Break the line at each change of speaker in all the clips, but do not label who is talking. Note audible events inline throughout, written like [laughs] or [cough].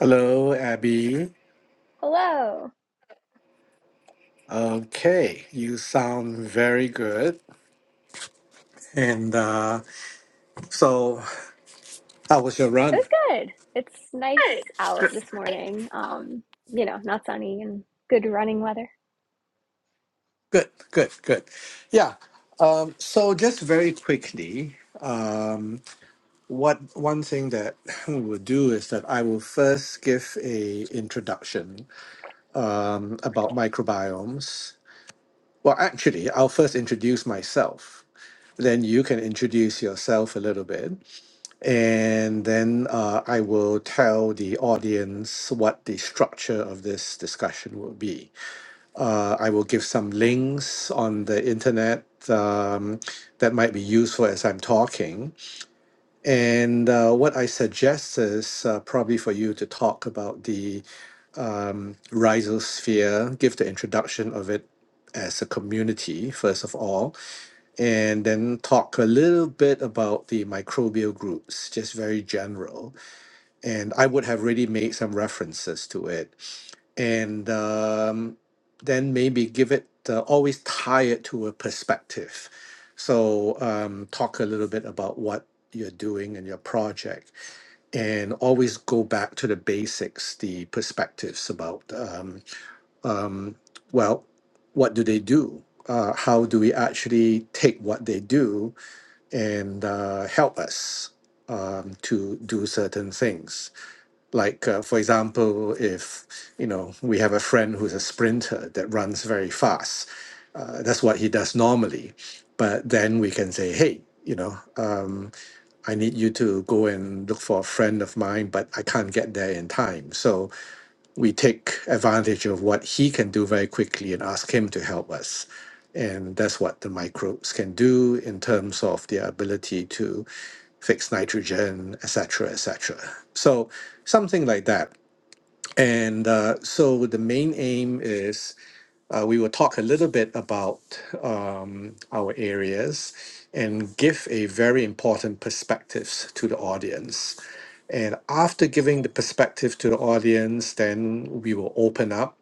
Hello, Abby.
Hello.
Okay, you sound very good. And uh, so, how was your
It
run?
was good. It's nice out this morning. Um, you know, not sunny and good running weather.
Good, good, good. Yeah. Um, so, just very quickly, what one thing that [laughs] we will do is that I will first give a introduction about microbiomes. Well, actually, I'll first introduce myself. Then you can introduce yourself a little bit, And then uh, I will tell the audience what the structure of this discussion will be. Uh, I will give some links on the internet um, that might be useful as I'm talking. And uh, what I suggest is uh, probably for you to talk about the um, rhizosphere, give the introduction of it as a community, first of all, and then talk a little bit about the microbial groups, just very general and I would have already made some references to it, and um, then maybe give it uh, always tie it to a perspective. So um, talk a little bit about what you're doing and your project, and always go back to the basics, the perspectives about um, um, well, what do they do? Uh, how do we actually take what they do and uh, help us um, to do certain things? Like, uh, for example, if you know we have a friend who's a sprinter that runs very fast, uh, that's what he does normally. But then we can say, hey, you know, um, I need you to go and look for a friend of mine, but I can't get there in time. So we take advantage of what he can do very quickly and ask him to help us. And that's what the microbes can do in terms of their ability to fix nitrogen, etc., etc. So something like that. And uh, so the main aim is uh, we will talk a little bit about um, our areas and give a very important perspectives to the audience. And after giving the perspective to the audience, then we will open up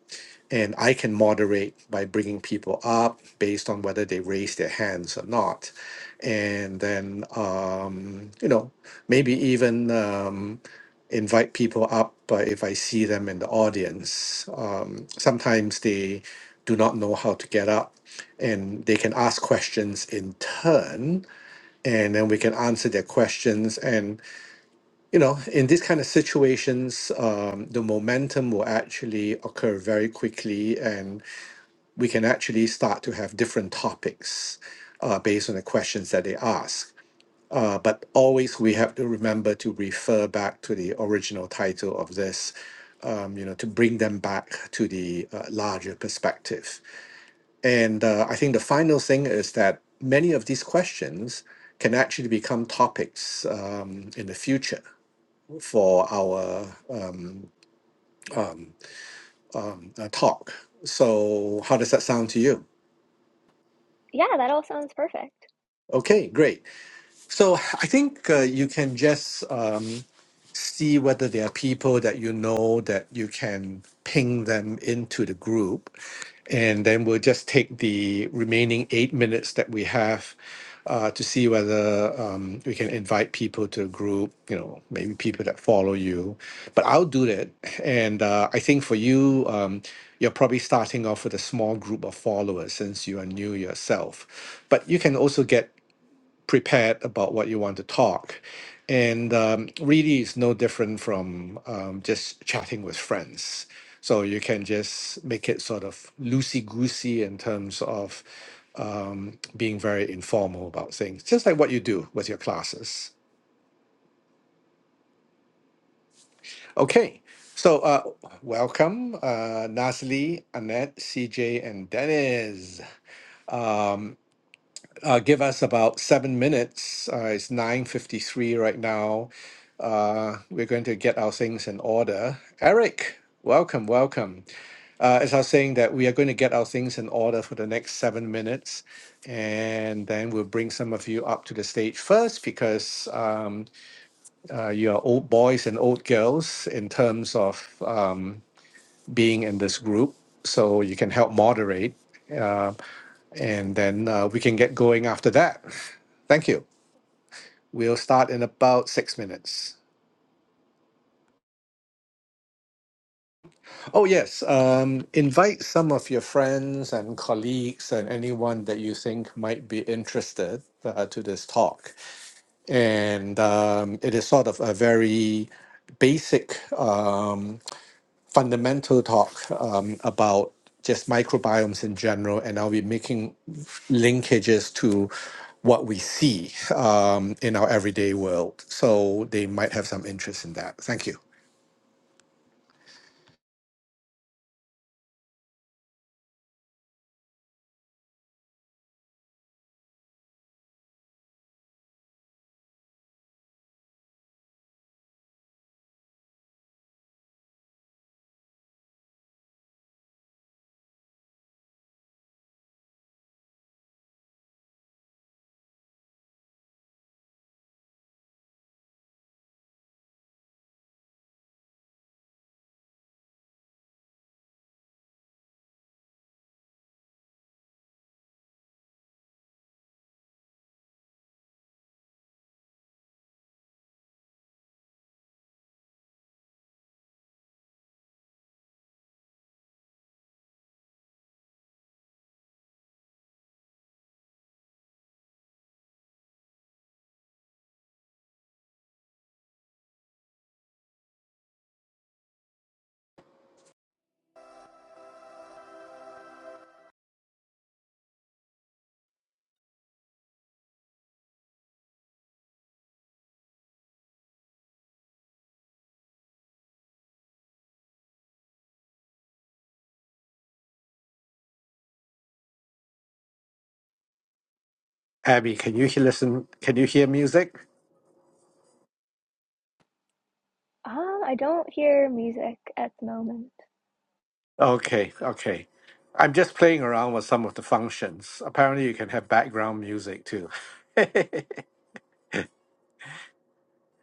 and I can moderate by bringing people up based on whether they raise their hands or not. And then, um, you know, maybe even. Um, invite people up uh, if I see them in the audience. Um, sometimes they do not know how to get up and they can ask questions in turn and then we can answer their questions and you know in these kind of situations um, the momentum will actually occur very quickly and we can actually start to have different topics uh, based on the questions that they ask uh, but always we have to remember to refer back to the original title of this, um, you know, to bring them back to the uh, larger perspective. And uh, I think the final thing is that many of these questions can actually become topics um, in the future for our um, uh, talk. So, how does that sound to you?
Yeah, that all sounds perfect.
Okay, great. So I think uh, you can just um, see whether there are people that you know that you can ping them into the group. And then we'll just take the remaining eight minutes that we have uh, to see whether um, we can invite people to the group, you know, maybe people that follow you. But I'll do that. And uh, I think for you, um, you're probably starting off with a small group of followers since you are new yourself. But you can also get prepared about what you want to talk. And um, really, it's no different from um, just chatting with friends. So you can just make it sort of loosey goosey in terms of um, being very informal about things, just like what you do with your classes. Okay, so uh, welcome, uh, Nasli, Annette, CJ, and Dennis. Um, uh, give us about seven minutes. Uh, it's 9.53 right now. Uh, we're going to get our things in order. Eric, welcome, welcome. Uh, as I was saying that we are going to get our things in order for the next seven minutes, and then we'll bring some of you up to the stage first because um, uh, you are old boys and old girls in terms of um, being in this group. So you can help moderate, uh, and then uh, we can get going after that. Thank you. We'll start in about six minutes. Oh, yes. Um, invite some of your friends and colleagues and anyone that you think might be interested uh, to this talk. And um, it is sort of a very basic. Um, fundamental talk um, about just microbiomes in general, and I'll be making linkages to what we see um, in our everyday world. So they might have some interest in that. Thank you. Abby, can you hear, listen? Can you hear music?
Um, I don't hear music at the moment.
Okay, okay. I'm just playing around with some of the functions. Apparently, you can have background music too.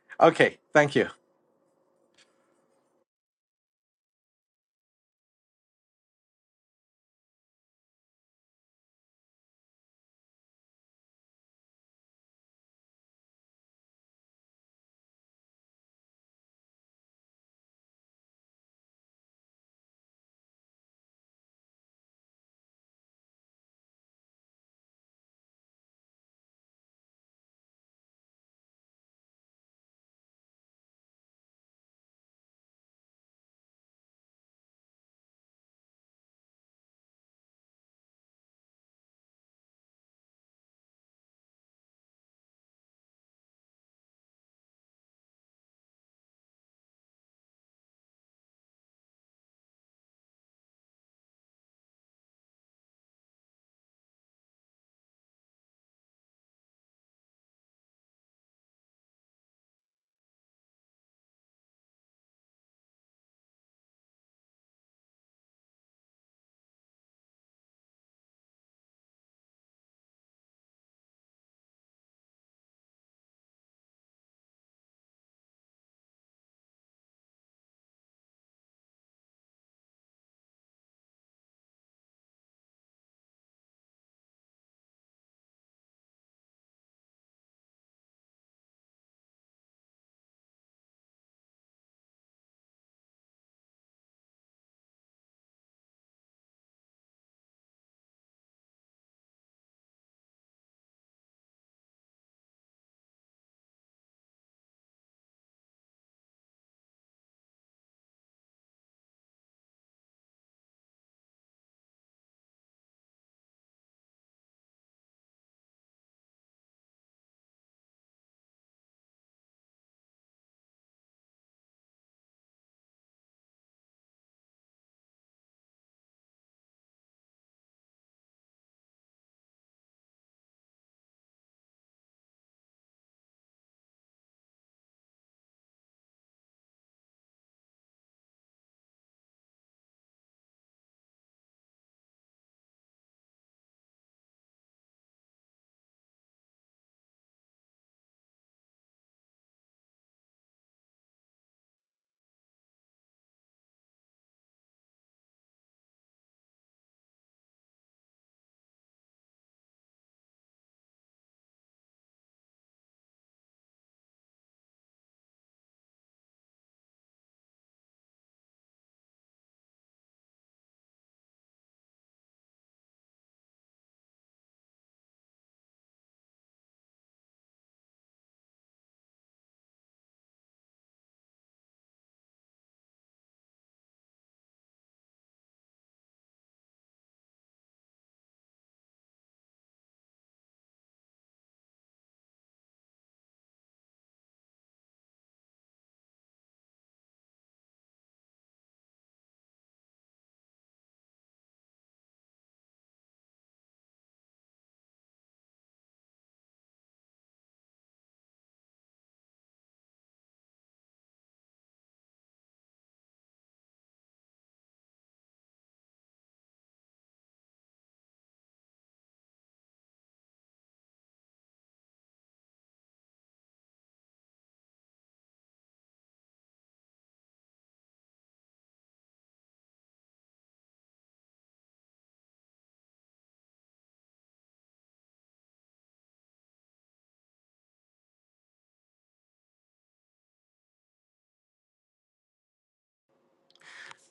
[laughs] okay, thank you.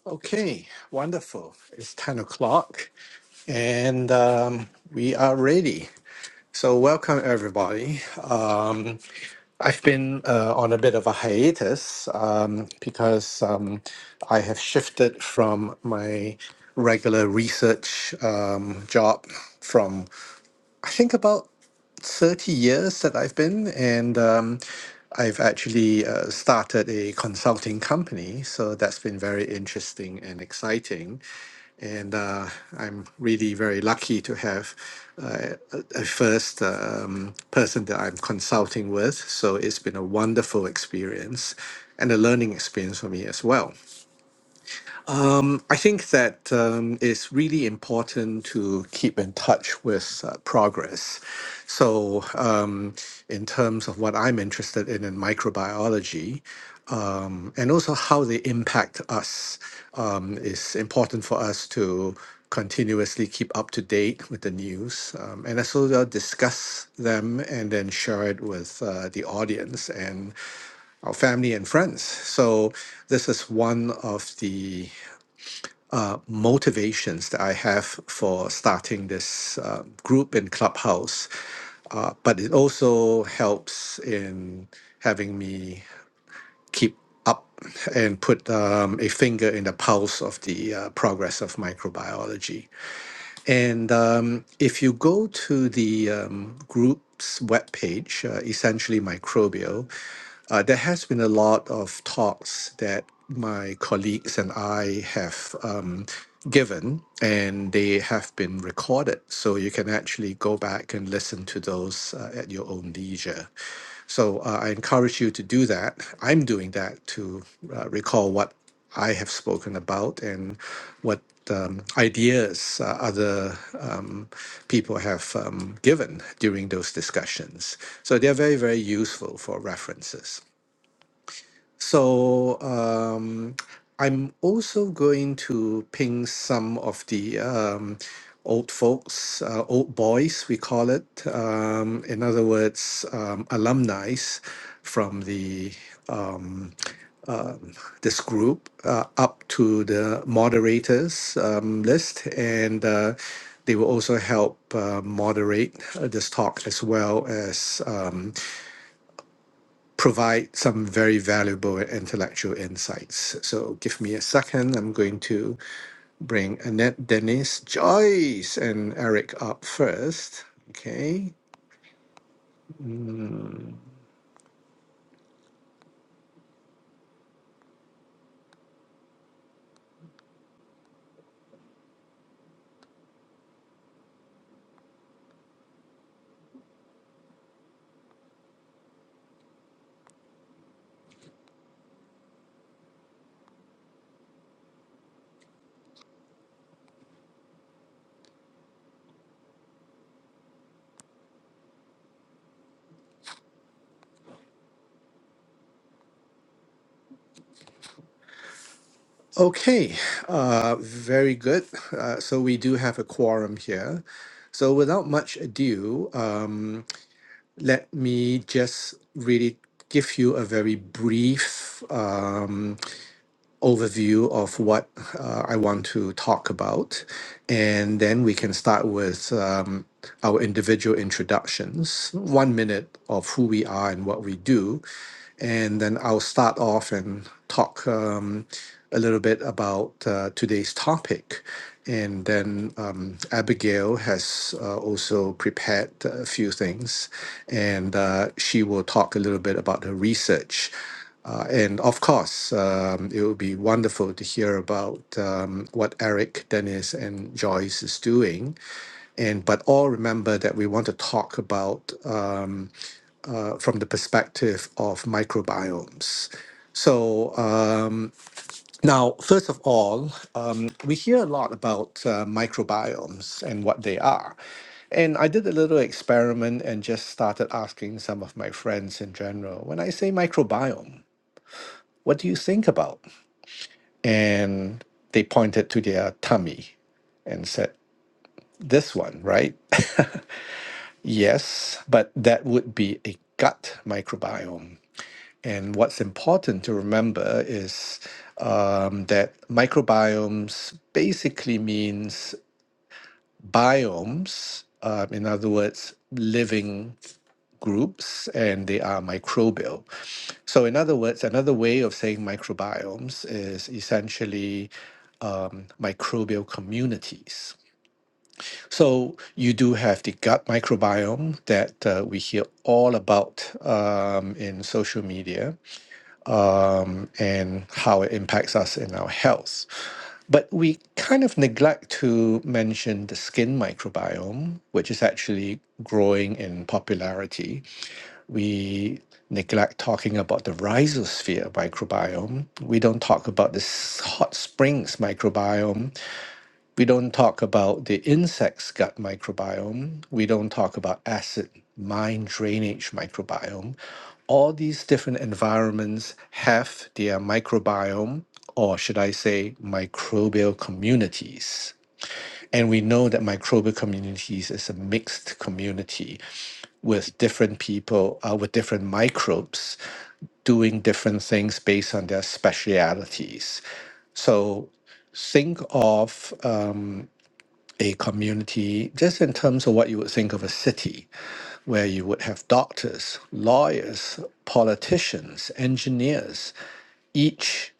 Okay, wonderful. It's 10 o'clock and um, we are ready. So, welcome everybody. Um, I've been uh, on a bit of a hiatus um, because um, I have shifted from my regular research um, job from I think about 30 years that I've been, and um, I've actually uh, started a consulting company. So that's been very interesting and exciting. And uh, I'm really very lucky to have uh, a a first um, person that I'm consulting with. So it's been a wonderful experience and a learning experience for me as well. I think that um, it's really important to keep in touch with uh, progress. So, um, in terms of what I'm interested in in microbiology, um, and also how they impact us, um, is important for us to continuously keep up to date with the news, um, and also uh, discuss them and then share it with uh, the audience and our family and friends. So this is one of the uh, motivations that I have for starting this uh, group in Clubhouse, uh, but it also helps in having me keep up and put um, a finger in the pulse of the uh, progress of microbiology. And um, if you go to the um, group's webpage, uh, essentially Microbio, uh, there has been a lot of talks that my colleagues and I have um, given, and they have been recorded. So you can actually go back and listen to those uh, at your own leisure. So uh, I encourage you to do that. I'm doing that to uh, recall what I have spoken about and what um, ideas uh, other um, people have um, given during those discussions. So they're very, very useful for references. So um, I'm also going to ping some of the um, old folks, uh, old boys, we call it. Um, in other words, um, alumni from the um, this group uh, up to the moderators um, list, and uh, they will also help uh, moderate uh, this talk as well as um, provide some very valuable and intellectual insights. So, give me a second. I'm going to bring Annette, Dennis, Joyce, and Eric up first. Okay. Okay. Uh, very good. Uh, so we do have a quorum here. So without much ado, um, let me just really give you a very brief um, overview of what uh, I want to talk about, and then we can start with um, our individual introductions, one minute of who we are and what we do, and then I'll start off and talk um, a little bit about uh, today's topic. And then um, Abigail has uh, also prepared a few things, and uh, she will talk a little bit about her research. Uh, and of course, um, it would be wonderful to hear about um, what Eric, Dennis, and Joyce is doing. And but all remember that we want to talk about um, uh, from the perspective of microbiomes. So um now, first of all, um, we hear a lot about uh, microbiomes and what they are. And I did a little experiment and just started asking some of my friends in general when I say microbiome, what do you think about? and they pointed to their tummy and said, This one, right? [laughs] yes, but that would be a gut microbiome. And what's important to remember is um, that microbiomes basically means biomes, uh, in other words, living groups and they are microbial. So, in other words, another way of saying microbiomes is essentially um, microbial communities. So, you do have the gut microbiome that uh, we hear all about um, in social media um, and how it impacts us in our health. But we kind of neglect to mention the skin microbiome, which is actually growing in popularity we neglect talking about the rhizosphere microbiome. We don't talk about the s- hot springs microbiome. We don't talk about the insect's gut microbiome. We don't talk about acid mine drainage microbiome. All these different environments have their microbiome, or should I say, microbial communities. And we know that microbial communities is a mixed community with different people uh, with different microbes doing different things based on their specialities. So think of uh, a community just in terms of what you would think of a city, where you would have doctors, lawyers, politicians, engineers, each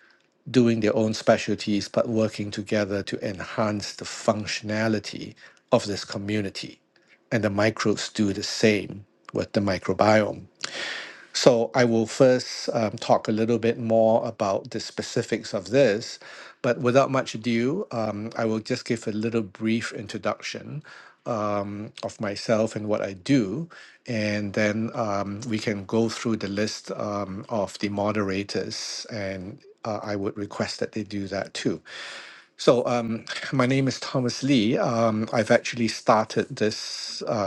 doing their own specialties but working together to enhance the functionality of this community. And the microbes do the same with the microbiome so I will first um, talk a little bit more about the specifics of this, but without much ado, um, I will just give a little brief introduction um, of myself and what I do, and then um, we can go through the list um, of the moderators, and uh, I would request that they do that too. So um, my name is Thomas Lee. Um, I've actually started this. uh,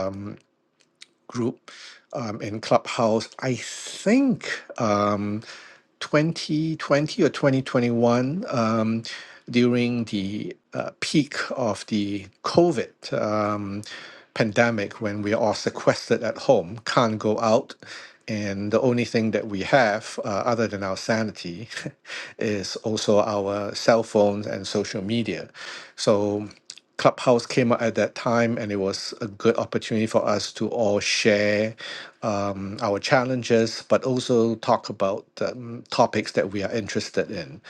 group um, in Clubhouse. I think um, 2020 or 2021 um, during the uh, peak of the COVID um, pandemic when we are all sequestered at home, can't go out. And the only thing that we have, uh, other than our sanity, [laughs] is also our cell phones and social media. So Clubhouse came out at that time, and it was a good opportunity for us to all share um, our challenges, but also talk about um, topics that we are interested in.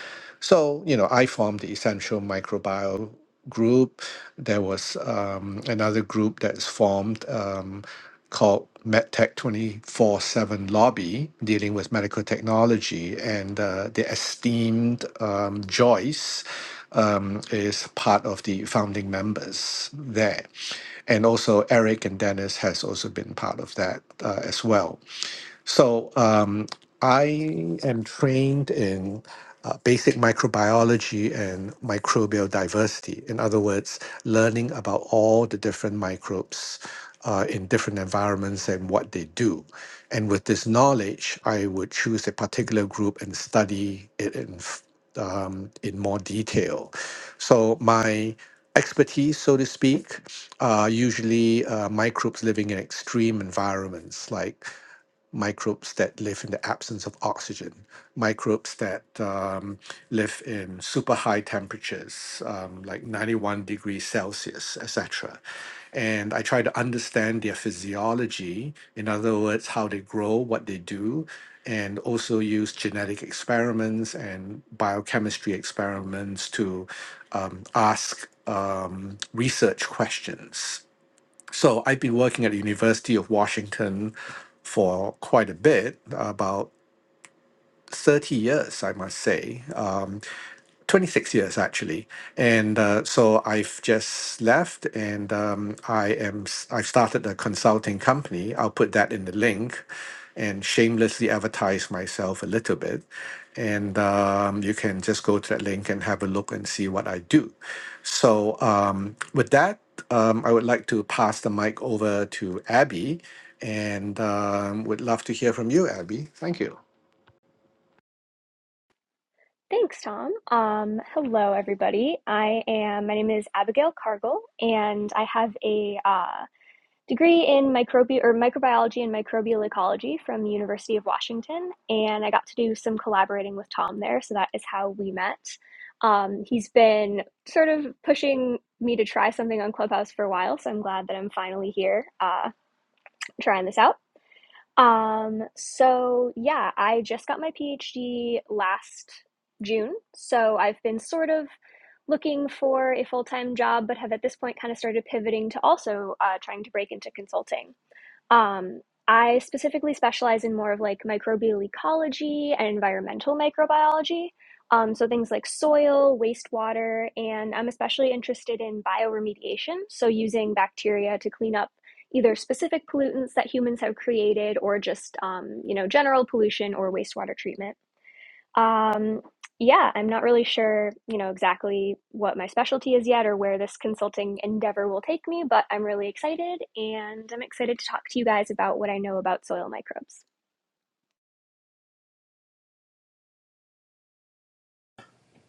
So, you know, I formed the Essential Microbiome group. There was um, another group that's formed. Um, called MedTech 24 7 Lobby, dealing with medical technology. And uh, the esteemed um, Joyce um, is part of the founding members there. And also, Eric and Dennis has also been part of that uh, as well. So um, I am trained in uh, basic microbiology and microbial diversity. In other words, learning about all the different microbes uh, in different environments and what they do. And with this knowledge, I would choose a particular group and study it in f- um, in more detail. So my expertise, so to speak, are usually uh, microbes living in extreme environments like microbes that live in the absence of oxygen, microbes that um, live in super high temperatures, um, like 91 degrees Celsius, etc. And I try to understand their physiology, in other words, how they grow, what they do, and also use genetic experiments and biochemistry experiments to um, ask um, research questions so I've been working at the University of Washington for quite a bit, about 30 years, I must say. Um, 26 years actually and uh, so i've just left and um, i am s- i've started a consulting company i'll put that in the link and shamelessly advertise myself a little bit and um, you can just go to that link and have a look and see what i do so um, with that um, i would like to pass the mic over to abby and um, would love to hear from you abby thank you
Thanks, Tom. Um, hello, everybody. I am, my name is Abigail Cargill, and I have a uh, degree in microbi or microbiology and microbial ecology from the University of Washington, and I got to do some collaborating with Tom there. So that is how we met. Um, he's been sort of pushing me to try something on Clubhouse for a while, so I'm glad that I'm finally here uh, trying this out. Um, so yeah, I just got my PhD last June, so I've been sort of looking for a full time job, but have at this point kind of started pivoting to also uh, trying to break into consulting. Um, I specifically specialize in more of like microbial ecology and environmental microbiology. Um, so things like soil, wastewater, and I'm especially interested in bioremediation. So using bacteria to clean up either specific pollutants that humans have created or just, um, you know, general pollution or wastewater treatment. Um, yeah, I'm not really sure, you know, exactly what my specialty is yet or where this consulting endeavor will take me, but I'm really excited and I'm excited to talk to you guys about what I know about soil microbes.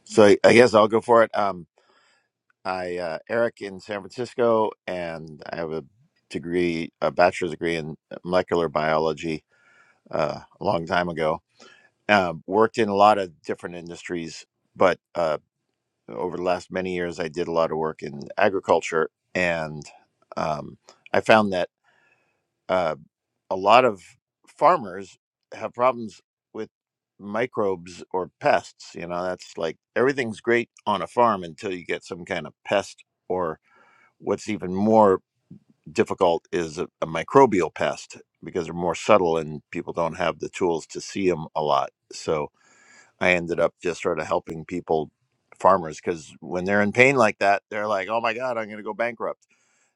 So I I guess I'll go for it. Um, I uh, Eric in San Francisco, and I have a degree, a bachelor's degree in molecular biology uh, a long time ago. Uh, worked in a lot of different industries, but uh, over the last many years, I did a lot of work in agriculture, and um, I found that. Uh, a lot of farmers have problems with microbes or pests. You know, that's like everything's great on a farm until you get some kind of pest, or what's even more difficult is a, a microbial pest because they're more subtle and people don't have the tools to see them a lot. So I ended up just sort of helping people farmers because when they're in pain like that they're like oh my god i'm going to go bankrupt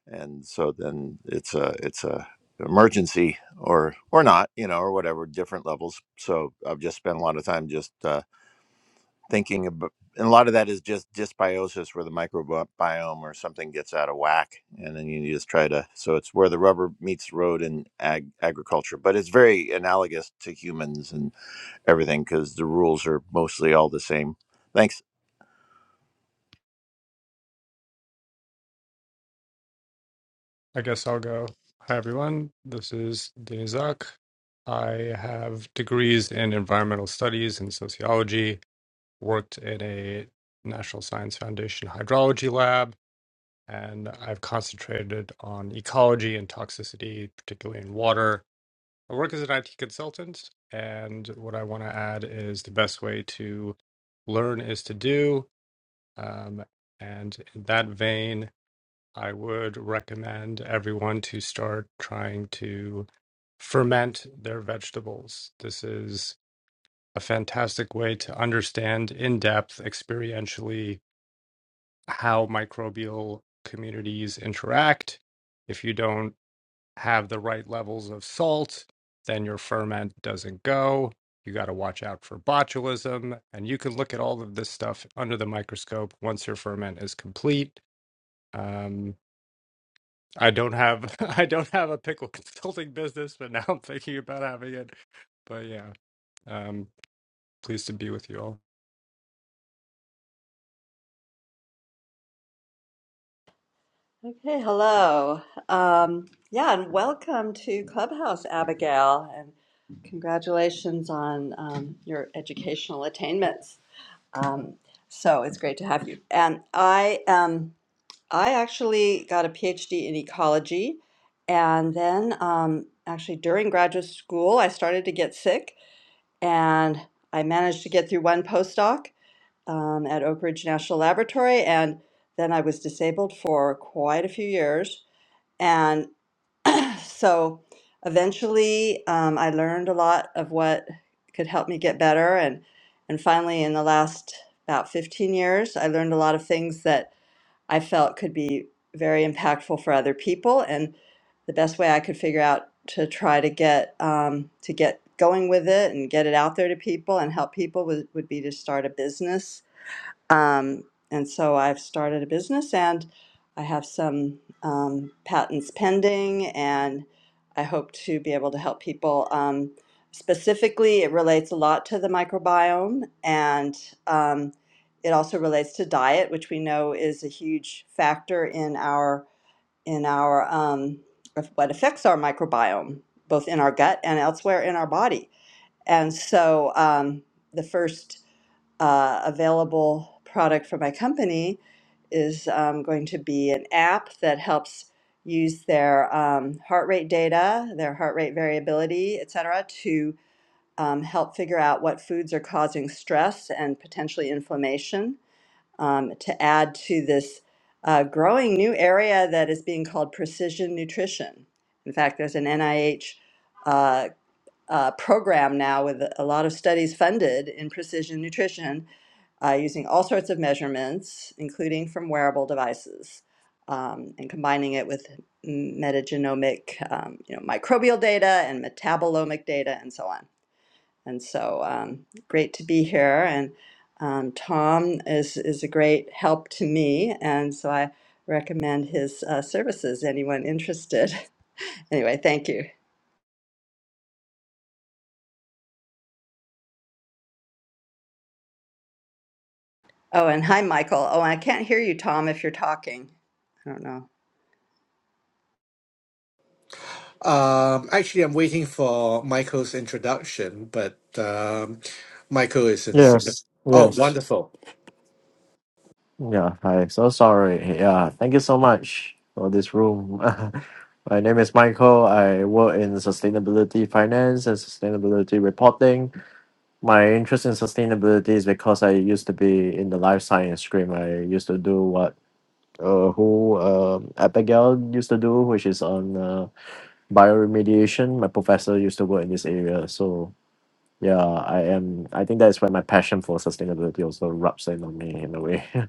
and so then it's a it's a emergency or or not you know or whatever different levels so i've just spent a lot of time just uh, thinking about and a lot of that is just dysbiosis where the microbiome or something gets out of whack and then you just try to so it's where the rubber meets the road in ag- agriculture but it's very analogous to humans and everything because the rules are mostly all the same thanks
I guess I'll go. Hi, everyone. This is Denizak. I have degrees in environmental studies and sociology, worked in a National Science Foundation hydrology lab, and I've concentrated on ecology and toxicity, particularly in water. I work as an IT consultant, and what I want to add is the best way to learn is to do. Um, and in that vein, I would recommend everyone to start trying to ferment their vegetables. This is a fantastic way to understand in depth, experientially, how microbial communities interact. If you don't have the right levels of salt, then your ferment doesn't go. You got to watch out for botulism. And you can look at all of this stuff under the microscope once your ferment is complete. Um, I don't have [laughs] I don't have a pickle [laughs] consulting business, but now I'm thinking about having it. But yeah, um, pleased to be with you all.
Okay, hello. Um, yeah, and welcome to Clubhouse, Abigail, and congratulations on um, your educational attainments. Um, so it's great to have you. And I, um, I actually got a PhD in ecology, and then um, actually during graduate school, I started to get sick, and I managed to get through one postdoc um, at Oak Ridge National Laboratory, and then I was disabled for quite a few years and so eventually, um, I learned a lot of what could help me get better. And, and finally, in the last about 15 years, I learned a lot of things that I felt could be very impactful for other people. And the best way I could figure out to try to get um, to get going with it and get it out there to people and help people would, would be to start a business um, and so I've started a business and I have some um, patents pending, and I hope to be able to help people. Um, specifically, it relates a lot to the microbiome, and um, it also relates to diet, which we know is a huge factor in our in our um, of what affects our microbiome, both in our gut and elsewhere in our body. And so, um, the first uh, available product for my company is um, going to be an app that helps use their um, heart rate data, their heart rate variability, et cetera, to um, help figure out what foods are causing stress and potentially inflammation um, to add to this uh, growing new area that is being called precision nutrition. In fact, there's an NIH uh, uh, program now with a lot of studies funded in precision nutrition uh, using all sorts of measurements, including from wearable devices, um, and combining it with metagenomic, um, you know, microbial data and metabolomic data, and so on. And so, um, great to be here. And um, Tom is is a great help to me, and so I recommend his uh, services. Anyone interested? [laughs] anyway, thank you. Oh, and hi, Michael. Oh, I can't hear you, Tom, if you're talking. I don't know.
Um, actually, I'm waiting for Michael's introduction, but um, Michael is in Singapore.
Yes,
Oh,
yes.
wonderful.
Yeah, hi. So sorry. Yeah, thank you so much for this room. [laughs] My name is Michael. I work in sustainability finance and sustainability reporting. My interest in sustainability is because I used to be in the life science stream. I used to do what uh, who um Abigail used to do, which is on uh, bioremediation. My professor used to work in this area. So yeah, I am. I think that's where my passion for sustainability also rubs in on me in a way. [laughs]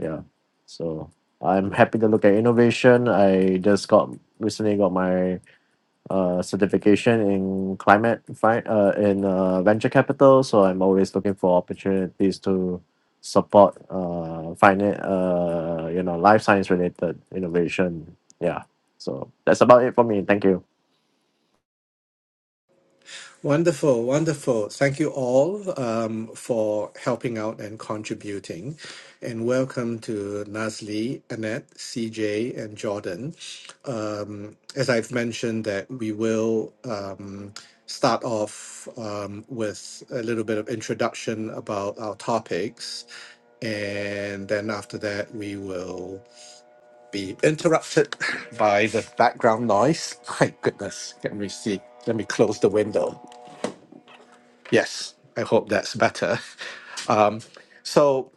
yeah so i'm happy to look at innovation i just got recently got my uh, certification in climate fi- uh, in uh, venture capital so i'm always looking for opportunities to support uh, finance uh, you know life science related innovation yeah so that's about it for me thank you
Wonderful, wonderful. Thank you all um, for helping out and contributing. And welcome to Nasli, Annette, CJ, and Jordan. Um, as I've mentioned, that we will um, start off um, with a little bit of introduction about our topics. And then after that, we will be interrupted [laughs] by the background noise. My goodness, let me see. Let me close the window. Yes, I hope that's better. [laughs] Um, so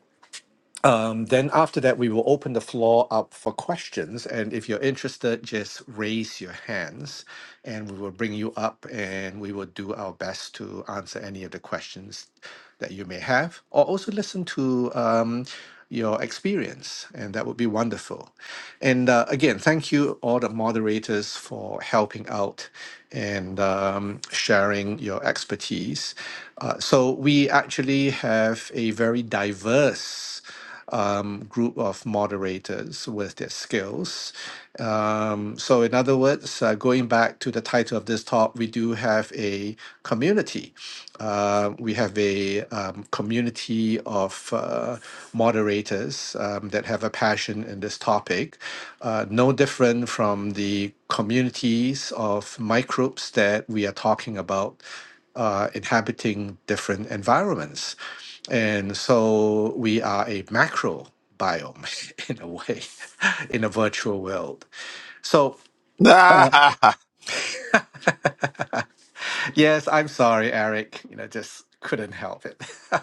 um, then after that, we will open the floor up for questions. And if you're interested, just raise your hands and we will bring you up and we will do our best to answer any of the questions that you may have or also listen to um, your experience. And that would be wonderful. And uh, again, thank you, all the moderators, for helping out and um, sharing your expertise. Uh, so we actually have a very diverse um, group of moderators with their skills. Um, so, in other words, uh, going back to the title of this talk, we do have a community. Uh, we have a um, community of uh, moderators um, that have a passion in this topic, uh, no different from the communities of microbes that we are talking about uh, inhabiting different environments. And so we are a macro biome [laughs] in a way, [laughs] in a virtual world. So
[laughs] I
Yes, I'm sorry, Eric. You know, just couldn't help it. [laughs]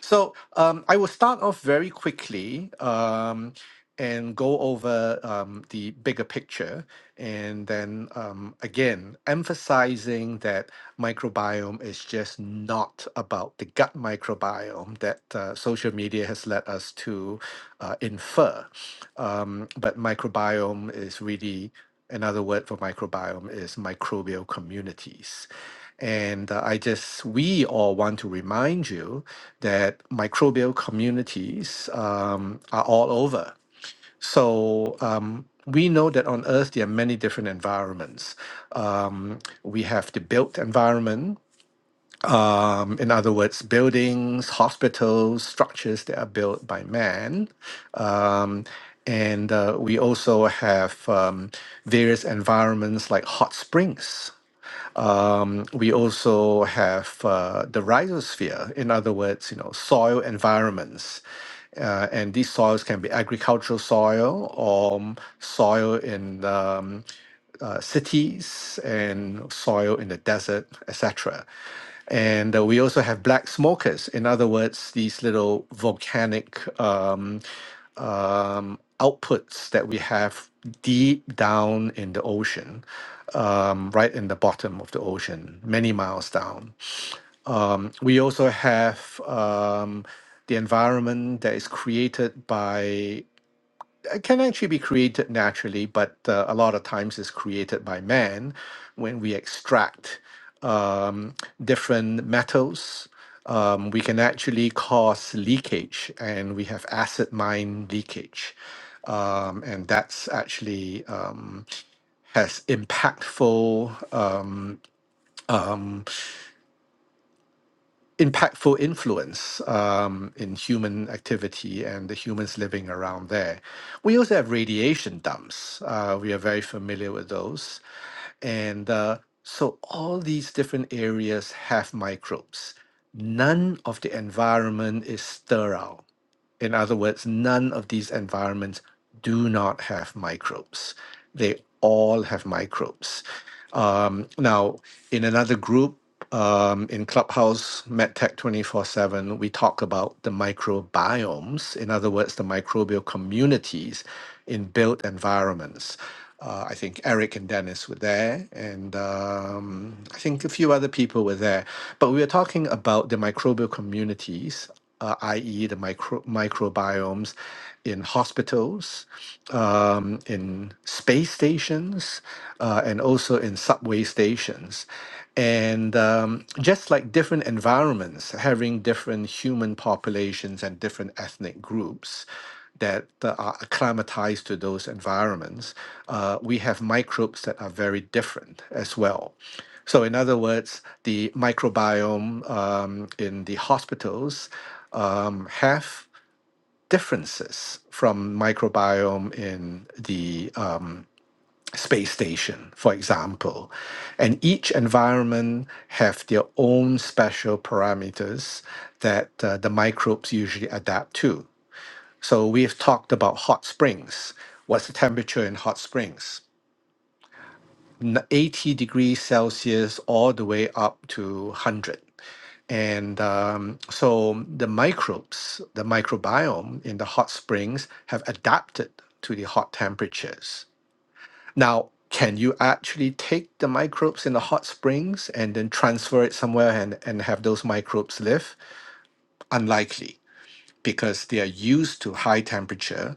So, um, I will start off very quickly, um, and go over um, the bigger picture, and then um, again, emphasizing that microbiome is just not about the gut microbiome that uh, social media has led us to uh, infer. Um, but microbiome is really another word for microbiome is microbial communities. And uh, I just, we all want to remind you that microbial communities um, are all over. So um, we know that on Earth there are many different environments. Um, we have the built environment, um, in other words, buildings, hospitals, structures that are built by man. Um, and uh, we also have um, various environments like hot springs. Um, we also have uh, the rhizosphere, in other words, you know, soil environments. Uh, and these soils can be agricultural soil or soil in um, uh, cities and soil in the desert, etc. And uh, we also have black smokers. In other words, these little volcanic um, um, outputs that we have deep down in the ocean, um, right in the bottom of the ocean, many miles down. Um, we also have um, the environment that is created by it can actually be created naturally, but uh, a lot of times it's created by man when we extract um, different metals. Um, we can actually cause leakage, and we have acid mine leakage, um, and that's actually um, has impactful um, um, impactful influence um, in human activity and the humans living around there. We also have radiation dumps. Uh, we are very familiar with those. And uh, so all these different areas have microbes. None of the environment is sterile. In other words, none of these environments do not have microbes. They all have microbes. Um, now, in another group, um, in Clubhouse MedTech 24 7, we talk about the microbiomes, in other words, the microbial communities in built environments. Uh, I think Eric and Dennis were there, and um, I think a few other people were there. But we were talking about the microbial communities, uh, i.e., the micro- microbiomes in hospitals, um, in space stations, uh, and also in subway stations. And um, just like different environments, having different human populations and different ethnic groups that uh, are acclimatized to those environments, uh, we have microbes that are very different as well. So, in other words, the microbiome um, in the hospitals um, have differences from microbiome in the um, space station, for example. And each environment have their own special parameters that uh, the microbes usually adapt to. So we've talked about hot springs. What's the temperature in hot springs? N- 80 degrees Celsius all the way up to 100 and um, so the microbes, the microbiome in the hot springs have adapted to the hot temperatures. Now, can you actually take the microbes in the hot springs and then transfer it somewhere and, and have those microbes live? Unlikely because they are used to high temperature.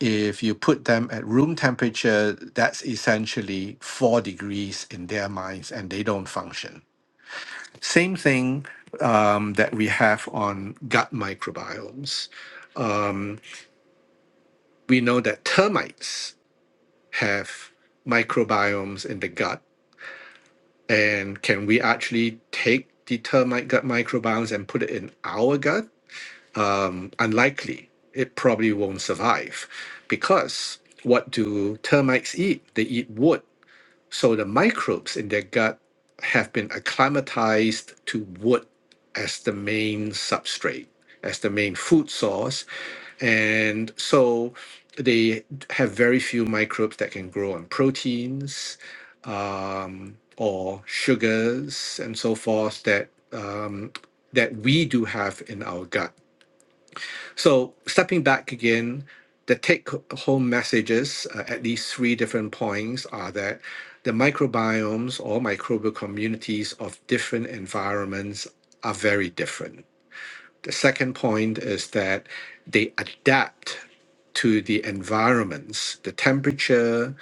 If you put them at room temperature, that's essentially four degrees in their minds and they don't function. Same thing um, that we have on gut microbiomes. Um, we know that termites have microbiomes in the gut, and can we actually take the termite gut microbiomes and put it in our gut? Um, unlikely. It probably won't survive because what do termites eat? They eat wood So the microbes in their gut have been acclimatized to wood as the main substrate, as the main food source. And so they have very few microbes that can grow on proteins um, or sugars and so forth that um, that we do have in our gut. So, stepping back again, the take home messages uh, at these three different points are that the microbiomes or microbial communities of different environments are very different the second point is that they adapt to the environments, the temperature,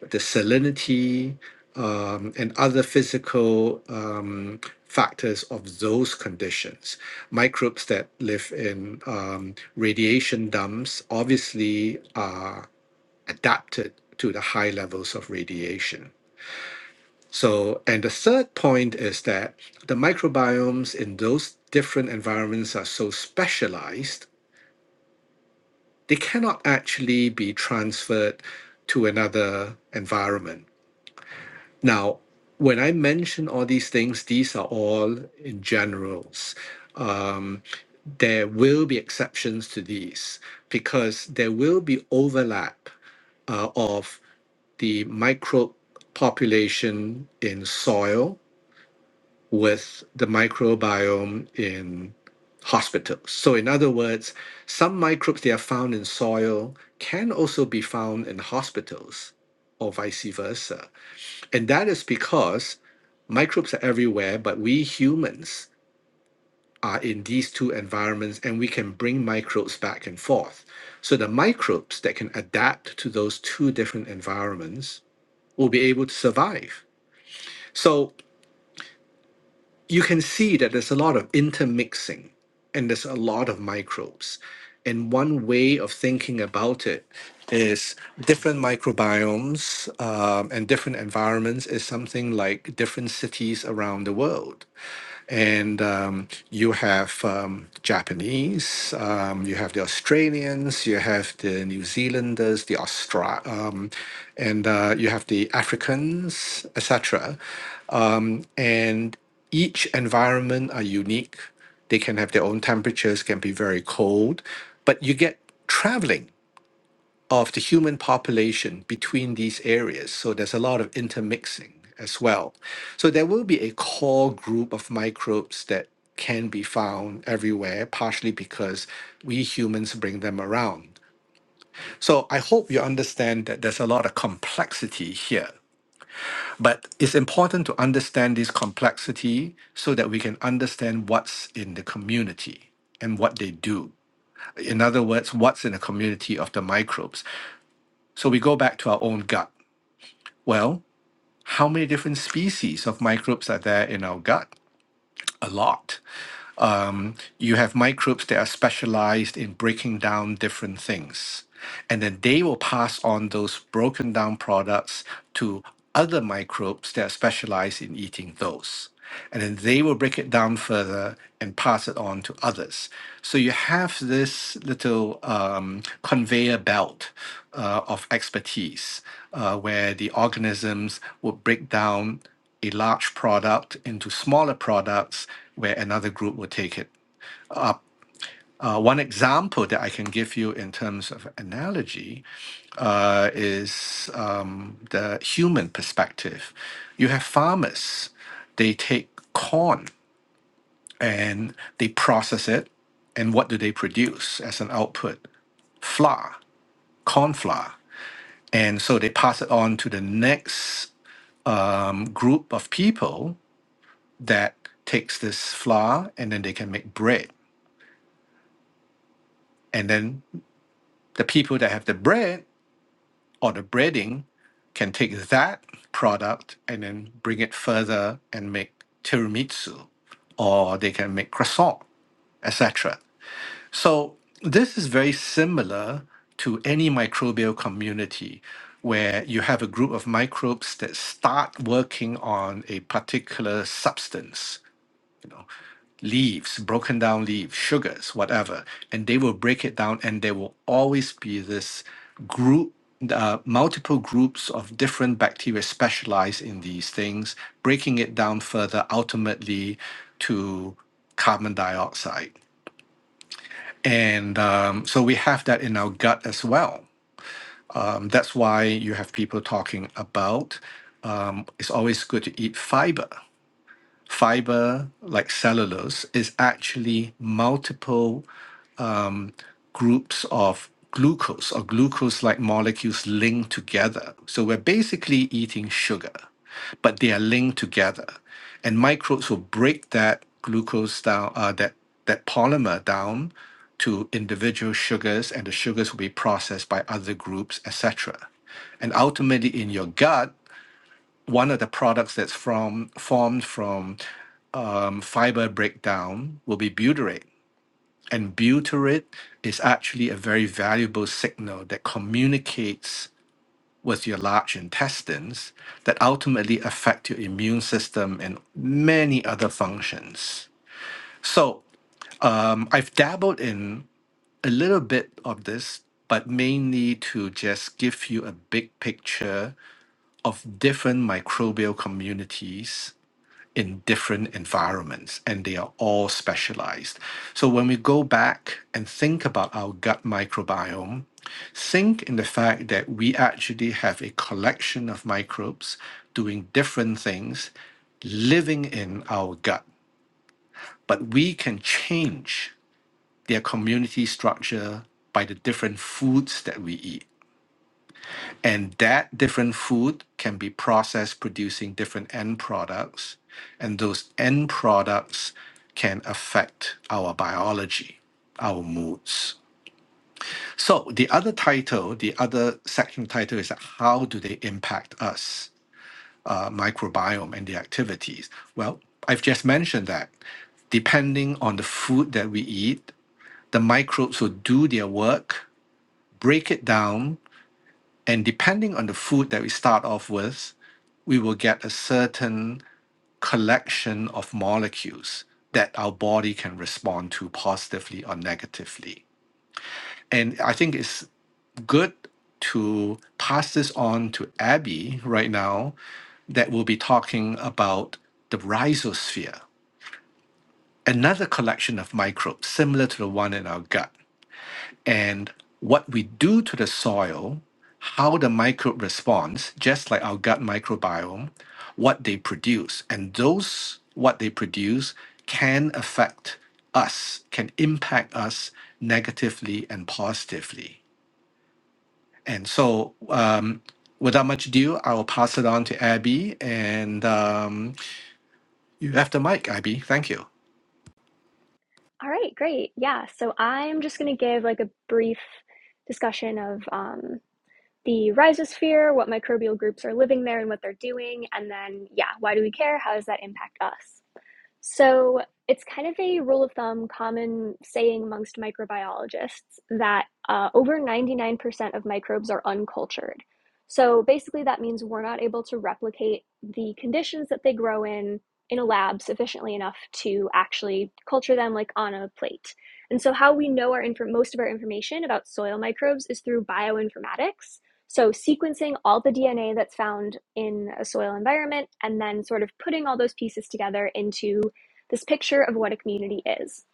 the salinity, um, and other physical um, factors of those conditions. Microbes that live in um, radiation dumps obviously are adapted to the high levels of radiation. So, and the third point is that the microbiomes in those different environments are so specialized, they cannot actually be transferred to another environment. Now, when I mention all these things, these are all in generals. Um, there will be exceptions to these because there will be overlap uh, of the microbe population in soil with the microbiome in hospitals. So, in other words, some microbes that are found in soil can also be found in hospitals or vice versa. And that is because microbes are everywhere, but we humans are in these two environments and we can bring microbes back and forth. So, the microbes that can adapt to those two different environments will be able to survive. So, you can see that there's a lot of intermixing and there's a lot of microbes. And one way of thinking about it is different microbiomes um, and different environments is something like different cities around the world. And um, you have um, Japanese, um, you have the Australians, you have the New Zealanders, the Austra, um, and uh, you have the Africans, etc and each environment are unique they can have their own temperatures can be very cold but you get traveling of the human population between these areas so there's a lot of intermixing as well so there will be a core group of microbes that can be found everywhere partially because we humans bring them around so i hope you understand that there's a lot of complexity here but it's important to understand this complexity so that we can understand what's in the community and what they do. In other words, what's in the community of the microbes. So we go back to our own gut. Well, how many different species of microbes are there in our gut? A lot. um, you have microbes that are specialized in breaking down different things. And then they will pass on those broken down products to other microbes that are specialized in eating those. And then they will break it down further and pass it on to others. So you have this little um, conveyor belt uh, of expertise uh, where the organisms would break down a large product into smaller products where another group will take it. Uh, one example that I can give you in terms of analogy uh, is um, the human perspective. You have farmers, they take corn and they process it. And what do they produce as an output? Flour, corn flour. And so they pass it on to the next um, group of people that takes this flour and then they can make bread. And then the people that have the bread or the breading can take that product and then bring it further and make tiramisu or they can make croissant, etc. So this is very similar to any microbial community where you have a group of microbes that start working on a particular substance leaves, broken down leaves, sugars, whatever, and they will break it down, and there will always be this group, uh, multiple groups of different bacteria specialized in these things, breaking it down further, ultimately to carbon dioxide. And um, so we have that in our gut as well. Um, that's why you have people talking about um, it's always good to eat fiber. Fiber, like cellulose, is actually multiple groups of glucose or glucose like molecules linked together. So we're basically eating sugar, but they are linked together. And microbes will break that glucose down, uh, that, that polymer down to individual sugars, and the sugars will be processed by other groups, etc. And ultimately, in your gut, one of the products that's from formed from um, fiber breakdown will be butyrate and butyrate is actually a very valuable signal that communicates with your large intestines that ultimately affect your immune system and many other functions. So um, I've dabbled in a little bit of this, but mainly to just give you a big picture of different microbial communities in different environments and they are all specialized. So when we go back and think about our gut microbiome, think in the fact that we actually have a collection of microbes doing different things living in our gut, but we can change their community structure by the different foods that we eat and that different food can be processed producing different end products and those end products can affect our biology our moods so the other title the other section title is how do they impact us uh, microbiome and the activities well i've just mentioned that depending on the food that we eat the microbes will do their work break it down And depending on the food that we start off with, we will get a certain collection of molecules that our body can respond to positively or negatively. And I think it's good to pass this on to Abby right now, that will be talking about the rhizosphere, another collection of microbes similar to the one in our gut. and what we do to the soil, how the microbe responds, just like our gut microbiome, what they produce. And those, what they produce, can affect us, can impact us negatively and positively. And so, um, without much ado, I will pass it on to Abby. And um, you have the mic, Abby. Thank you.
All right, great. Yeah, so I'm just going to give like a brief discussion of um, the rhizosphere, what microbial groups are living there and what they're doing, and then, yeah, why do we care? How does that impact us? So it's kind of a rule of thumb, common saying amongst microbiologists that uh, over 99% of microbes are uncultured. So basically, that means we're not able to replicate the conditions that they grow in in a lab sufficiently enough to actually culture them like on a plate. And so, how we know our inf- most of our information about soil microbes is through bioinformatics. So, sequencing all the DNA that's found in a soil environment and then sort of putting all those pieces together into this picture of what a community is.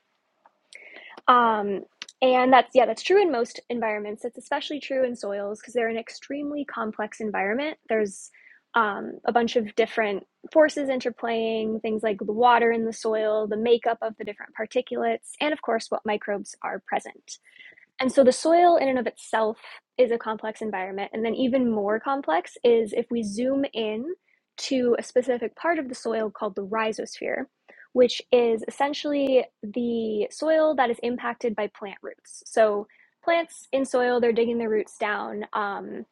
Um, and that's, yeah, that's true in most environments. It's especially true in soils because they're an extremely complex environment. There's um, a bunch of different forces interplaying, things like the water in the soil, the makeup of the different particulates, and of course, what microbes are present. And so the soil, in and of itself, is a complex environment. And then, even more complex is if we zoom in to a specific part of the soil called the rhizosphere, which is essentially the soil that is impacted by plant roots. So, plants in soil, they're digging their roots down um,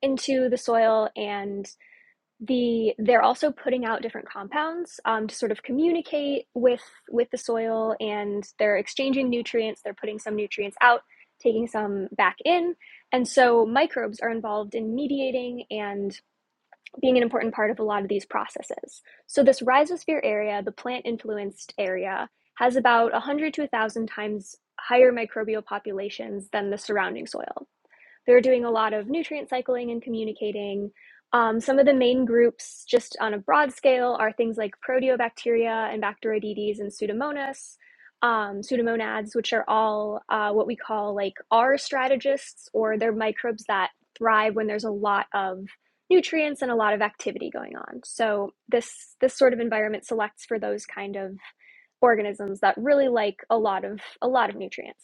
into the soil, and the they're also putting out different compounds um, to sort of communicate with with the soil and they're exchanging nutrients they're putting some nutrients out taking some back in and so microbes are involved in mediating and being an important part of a lot of these processes so this rhizosphere area the plant influenced area has about 100 to 1000 times higher microbial populations than the surrounding soil they're doing a lot of nutrient cycling and communicating. Um, some of the main groups, just on a broad scale, are things like proteobacteria and Bacteroidetes and Pseudomonas, um, Pseudomonads, which are all uh, what we call like R strategists, or they're microbes that thrive when there's a lot of nutrients and a lot of activity going on. So this this sort of environment selects for those kind of organisms that really like a lot of a lot of nutrients.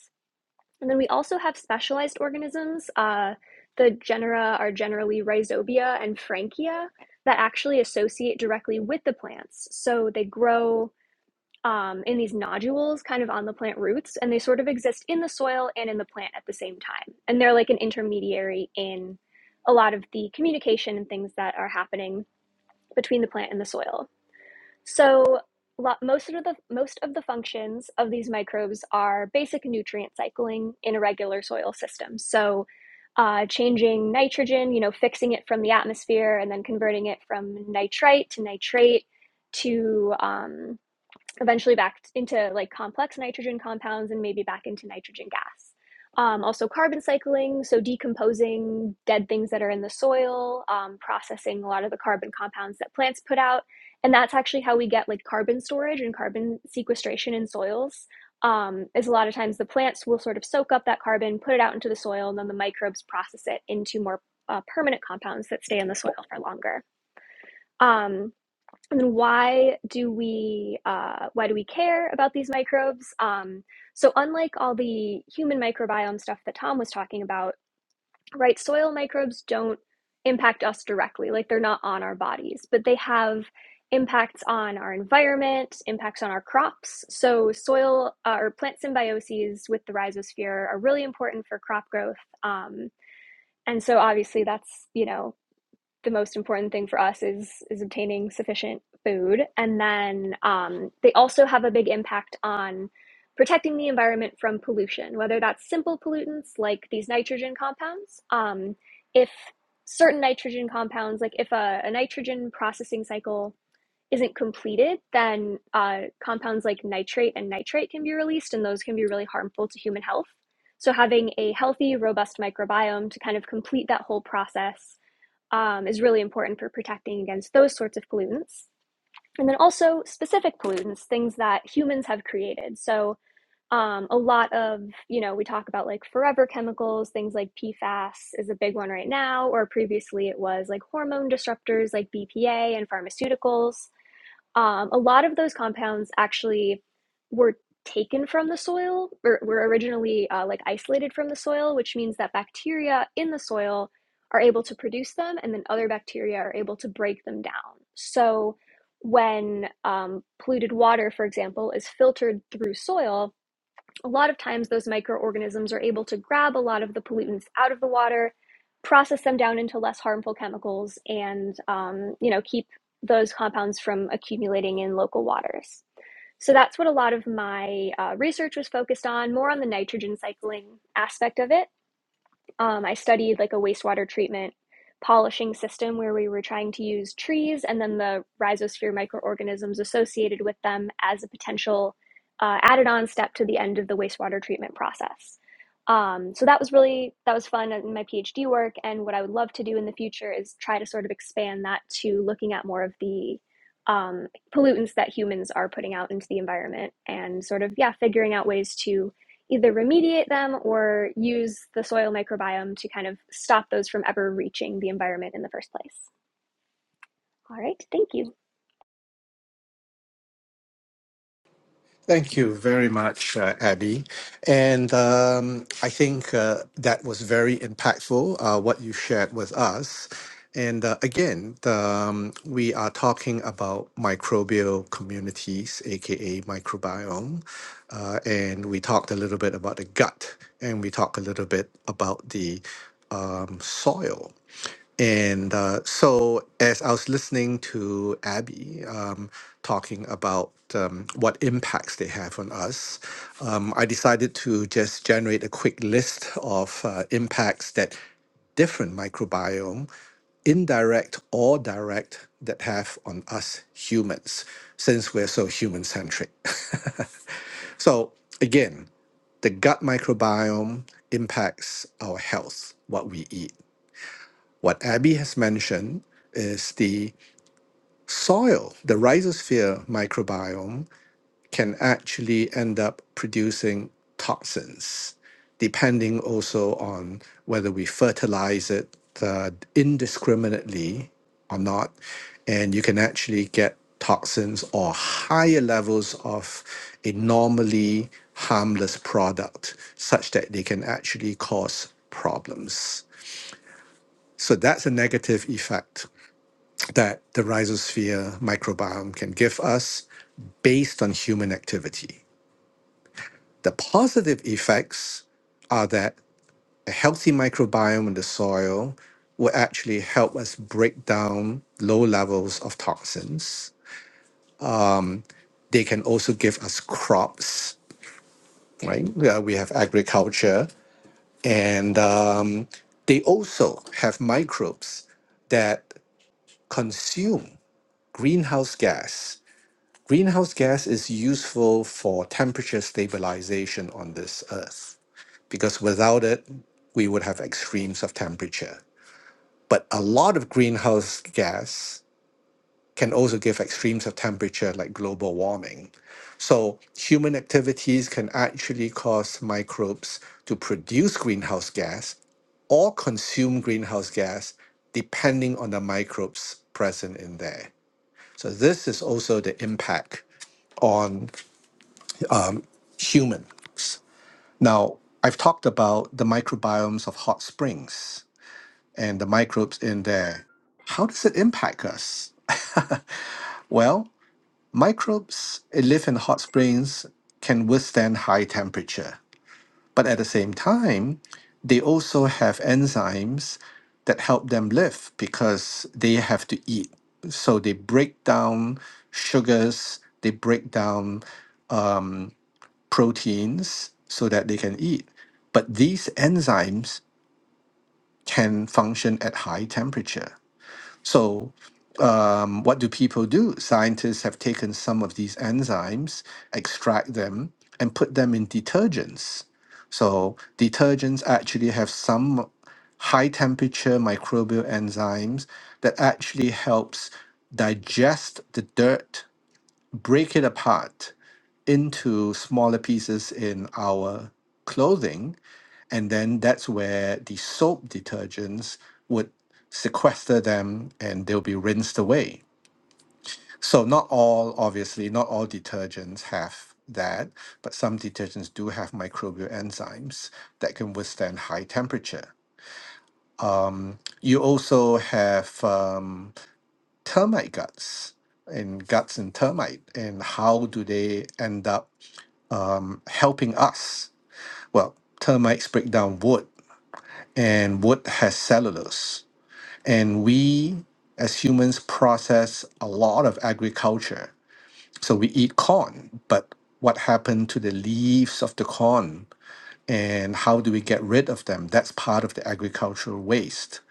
And then we also have specialized organisms. Uh, the genera are generally Rhizobia and Frankia that actually associate directly with the plants. So they grow um, in these nodules kind of on the plant roots, and they sort of exist in the soil and in the plant at the same time. And they're like an intermediary in a lot of the communication and things that are happening between the plant and the soil. So lo- most of the most of the functions of these microbes are basic nutrient cycling in irregular soil systems. So uh, changing nitrogen, you know, fixing it from the atmosphere and then converting it from nitrite to nitrate to um, eventually back into like complex nitrogen compounds and maybe back into nitrogen gas. Um, also, carbon cycling, so decomposing dead things that are in the soil, um, processing a lot of the carbon compounds that plants put out. And that's actually how we get like carbon storage and carbon sequestration in soils. Um, is a lot of times the plants will sort of soak up that carbon, put it out into the soil, and then the microbes process it into more uh, permanent compounds that stay in the soil for longer. Um, and why do we uh, why do we care about these microbes um, so unlike all the human microbiome stuff that tom was talking about right soil microbes don't impact us directly like they're not on our bodies but they have impacts on our environment impacts on our crops so soil uh, or plant symbioses with the rhizosphere are really important for crop growth um, and so obviously that's you know the most important thing for us is is obtaining sufficient food and then um, they also have a big impact on protecting the environment from pollution whether that's simple pollutants like these nitrogen compounds um, if certain nitrogen compounds like if a, a nitrogen processing cycle isn't completed then uh, compounds like nitrate and nitrite can be released and those can be really harmful to human health so having a healthy robust microbiome to kind of complete that whole process um, is really important for protecting against those sorts of pollutants. And then also specific pollutants, things that humans have created. So um, a lot of, you know, we talk about like forever chemicals, things like PFAS is a big one right now, or previously it was like hormone disruptors like BPA and pharmaceuticals. Um, a lot of those compounds actually were taken from the soil or were originally uh, like isolated from the soil, which means that bacteria in the soil are able to produce them and then other bacteria are able to break them down. So when um, polluted water, for example, is filtered through soil, a lot of times those microorganisms are able to grab a lot of the pollutants out of the water, process them down into less harmful chemicals, and um, you know keep those compounds from accumulating in local waters. So that's what a lot of my uh, research was focused on, more on the nitrogen cycling aspect of it. Um, I studied like a wastewater treatment polishing system where we were trying to use trees and then the rhizosphere microorganisms associated with them as a potential uh, added on step to the end of the wastewater treatment process. Um, so that was really that was fun in my PhD work, and what I would love to do in the future is try to sort of expand that to looking at more of the um, pollutants that humans are putting out into the environment, and sort of yeah, figuring out ways to either remediate them or use the soil microbiome to kind of stop those from ever reaching the environment in the first place. All right, thank you.
Thank you very much, uh, Abby. And um, I think uh, that was very impactful, uh, what you shared with us. And uh, again, the, um, we are talking about microbial communities, aka microbiome. Uh, and we talked a little bit about the gut, and we talked a little bit about the um, soil. And uh, so, as I was listening to Abby um, talking about um, what impacts they have on us, um, I decided to just generate a quick list of uh, impacts that different microbiome, indirect or direct, that have on us humans, since we're so human centric. [laughs] so, again, the gut microbiome impacts our health, what we eat. What Abby has mentioned is the soil, the rhizosphere microbiome can actually end up producing toxins, depending also on whether we fertilize it uh, indiscriminately or not. And you can actually get toxins or higher levels of a normally harmless product, such that they can actually cause problems. So that's a negative effect that the rhizosphere microbiome can give us based on human activity. The positive effects are that a healthy microbiome in the soil will actually help us break down low levels of toxins. They can also give us crops, right? Yeah, we have agriculture, and um, they also have microbes that consume greenhouse gas. Greenhouse gas is useful for temperature stabilization on this earth because without it, we would have extremes of temperature. But a lot of greenhouse gas can also give extremes of temperature, like global warming. So, human activities can actually cause microbes to produce greenhouse gas or consume greenhouse gas, depending on the microbes present in there. So, this is also the impact on humans. Now, I've talked about the microbiomes of hot springs and the microbes in there. How does it impact us? [laughs] Well, microbes that live in hot springs can withstand high temperature, but at the same time, they also have enzymes that help them live because they have to eat. So they break down sugars, they break down um, proteins so that they can eat. But these enzymes can function at high temperature. So, um, what do people do? Scientists have taken some of these enzymes, extract them, and put them in detergents. So, detergents actually have some high temperature microbial enzymes that actually helps digest the dirt, break it apart into smaller pieces in our clothing and then that's where the soap detergents would sequester them and they'll be rinsed away. So not all, obviously, not all detergents have that, but some detergents do have microbial enzymes that can withstand high temperature. Um, you also have um, termite guts and guts and termite, and how do they end up um, helping us? Well, termites break down wood, and wood has cellulose. And we as humans process a lot of agriculture. So we eat corn, but what happened to the leaves of the corn and how do we get rid of them? That's part of the agricultural waste.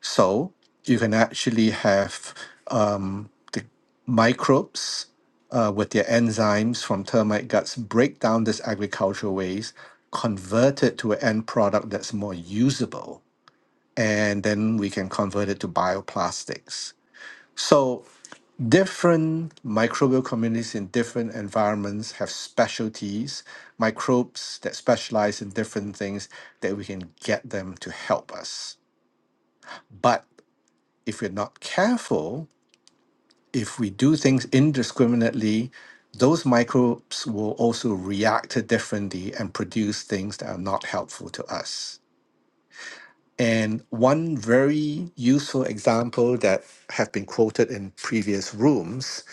So you can actually have um, the microbes uh, with their enzymes from termite guts break down this agricultural waste, convert it to an end product that's more usable and then we can convert it to bioplastics. So, different microbial communities in different environments have specialties, microbes that specialize in different things that we can get them to help us. But if we're not careful, if we do things indiscriminately, those microbes will also react differently and produce things that are not helpful to us. And one very useful example that have been quoted in previous rooms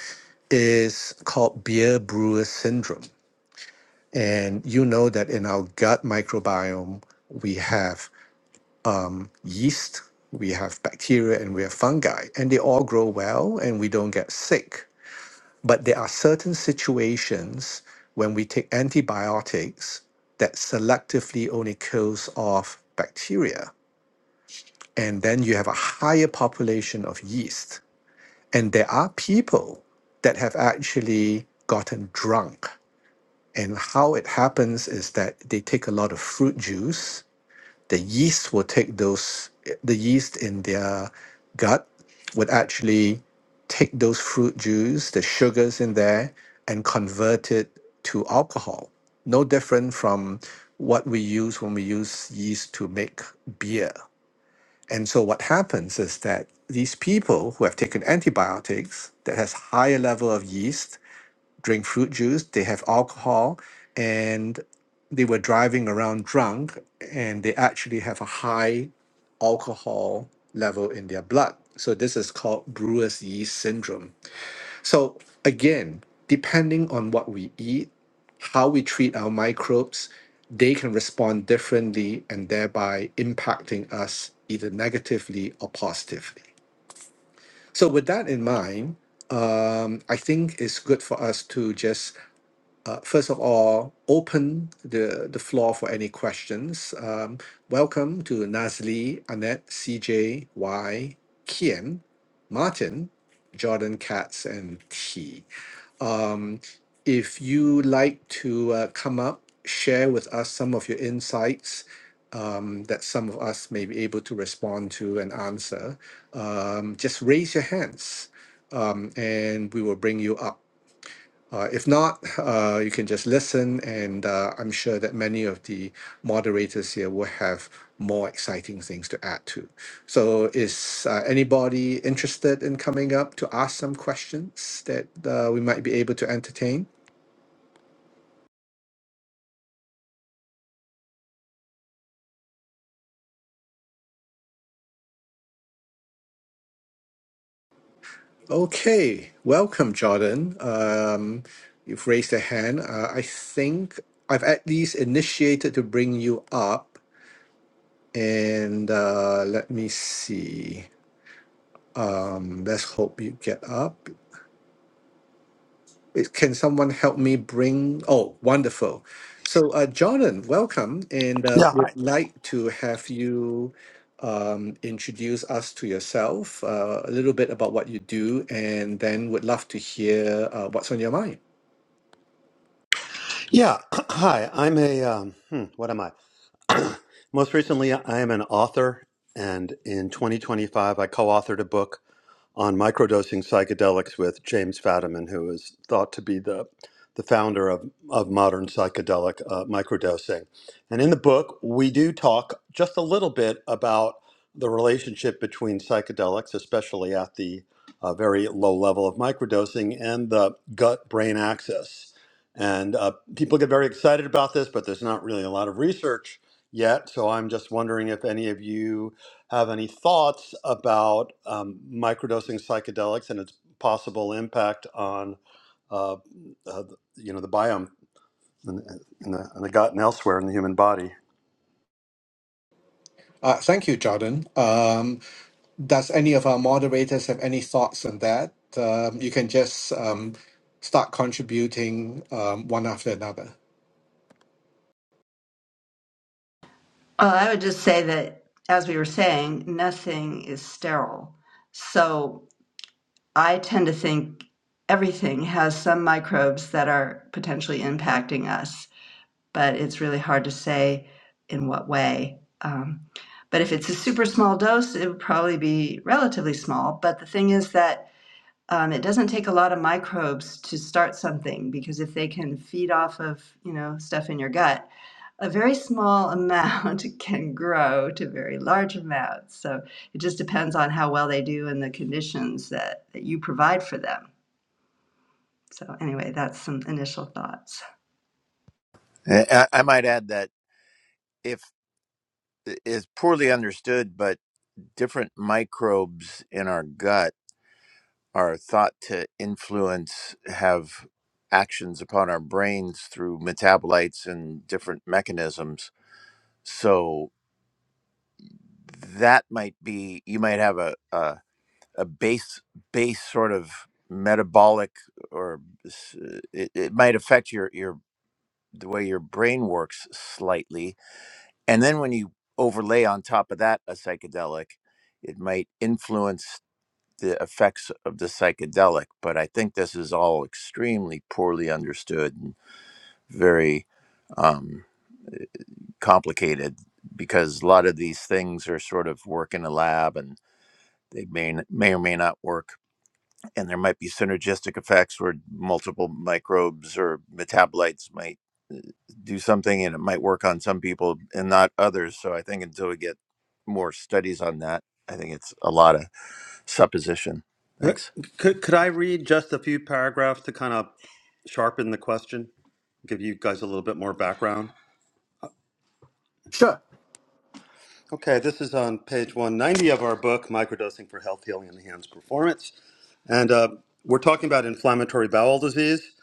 is called beer brewer syndrome. And you know that in our gut microbiome, we have yeast, we have bacteria, and we have fungi, and they all grow well and we don't get sick. But there are certain situations when we take antibiotics that selectively only kills off bacteria and then you have a higher population of yeast. And there are people that have actually gotten drunk. And how it happens is that they take a lot of fruit juice. The yeast will take those, the yeast in their gut would actually take those fruit juice, the sugars in there, and convert it to alcohol. No different from what we use when we use yeast to make beer and so what happens is that these people who have taken antibiotics that has higher level of yeast drink fruit juice, they have alcohol, and they were driving around drunk, and they actually have a high alcohol level in their blood. So this is called brewer's yeast syndrome. So again, depending on what we eat, how we treat our microbes, they can respond differently and thereby impacting us either negatively or positively. So with that in mind, um, I think it's good for us to just uh, first of all open the the floor for any questions. Um, welcome to Nazli, Annette, C.J.Y., Y, Kian, Martin, Jordan, Katz, and T. Um, if you like to uh, come up, share with us some of your insights um, that some of us may be able to respond to and answer, um, just raise your hands um, and we will bring you up. Uh, if not, uh, you can just listen, and uh, I'm sure that many of the moderators here will have more exciting things to add to. So, is uh, anybody interested in coming up to ask some questions that uh, we might be able to entertain? Okay, welcome, Jordan. Um, you've raised a hand. Uh, I think I've at least initiated to bring you up. And uh, let me see. Um, let's hope you get up. It- Can someone help me bring? Oh, wonderful. So, uh, Jordan, welcome, and uh,
Yeah,
would
hi.
like to have you um, introduce us to yourself, uh, a little bit about what you do, and then would love to hear uh, what's on your mind.
yeah. [clears throat] Hi, I'm a um, hmm, what am I? [clears throat] Most recently, I am an author, and in 2025, I co-authored a book on microdosing psychedelics with James Fadiman, who is thought to be the the founder of, of modern psychedelic uh, microdosing. And in the book, we do talk just a little bit about the relationship between psychedelics, especially at the uh, very low level of microdosing, and the gut brain axis. And uh, people get very excited about this, but there's not really a lot of research yet. So I'm just wondering if any of you have any thoughts about um, microdosing psychedelics and its possible impact on, uh, uh, you know, the biome in, in, the, in the gut and elsewhere in the human body.
Uh, thank you, Jordan. Um, does any of our moderators have any thoughts on that? Um, you can just um, start contributing um, one after another.
Well, I would just say that, as we were saying, nothing is sterile. So I tend to think everything has some microbes that are potentially impacting us, but it's really hard to say in what way. Um, but if it's a super small dose, it would probably be relatively small. But the thing is that um, it doesn't take a lot of microbes to start something because if they can feed off of you know stuff in your gut a very small amount [laughs] can grow to very large amounts so it just depends on how well they do and the conditions that, that you provide for them so anyway that's some initial thoughts
I might add that if is poorly understood, but different microbes in our gut are thought to influence have actions upon our brains through metabolites and different mechanisms so that might be you might have a a, a base base sort of metabolic or s- it, it might affect your your the way your brain works slightly and then when you overlay on top of that a psychedelic it might influence the effects of the psychedelic, but I think this is all extremely poorly understood and very um, complicated because a lot of these things are sort of work in a lab and they may, n- may or may not work. And there might be synergistic effects where multiple microbes or metabolites might uh, do something and it might work on some people and not others. So I think until we get more studies on that, I think it's a lot of supposition.
Uh,
Thanks.
Could, could I read just a few paragraphs to kind of sharpen the question, give you guys a little bit more background?
Sure.
Okay, this is on page 190 of our book, Microdosing for Health, Healing, and Enhanced Performance. And uh, we're talking about inflammatory bowel disease.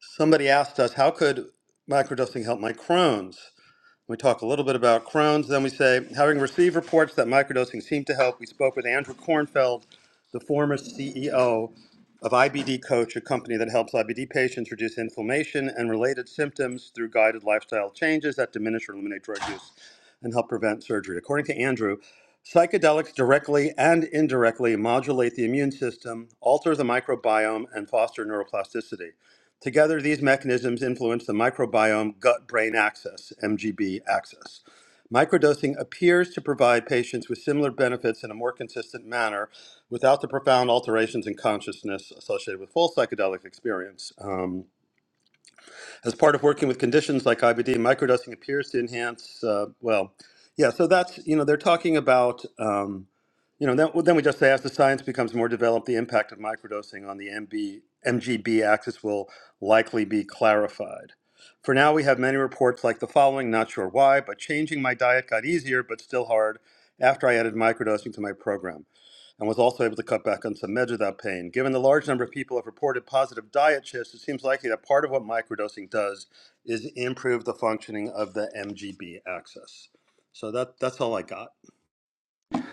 Somebody asked us, how could microdosing help my Crohn's? We talk a little bit about Crohn's. Then we say, having received reports that microdosing seemed to help, we spoke with Andrew Kornfeld, the former CEO of IBD Coach, a company that helps IBD patients reduce inflammation and related symptoms through guided lifestyle changes that diminish or eliminate drug use and help prevent surgery. According to Andrew, psychedelics directly and indirectly modulate the immune system, alter the microbiome, and foster neuroplasticity. Together, these mechanisms influence the microbiome gut brain axis, MGB axis. Microdosing appears to provide patients with similar benefits in a more consistent manner without the profound alterations in consciousness associated with full psychedelic experience. Um, as part of working with conditions like IBD, microdosing appears to enhance, uh, well, yeah, so that's, you know, they're talking about, um, you know, then, well, then we just say as the science becomes more developed, the impact of microdosing on the M B M G B axis will likely be clarified. For now, we have many reports like the following, not sure why, but changing my diet got easier, but still hard after I added microdosing to my program and was also able to cut back on some meds without pain. Given the large number of people who have reported positive diet shifts, it seems likely that part of what microdosing does is improve the functioning of the MGB axis. So that that's all I got.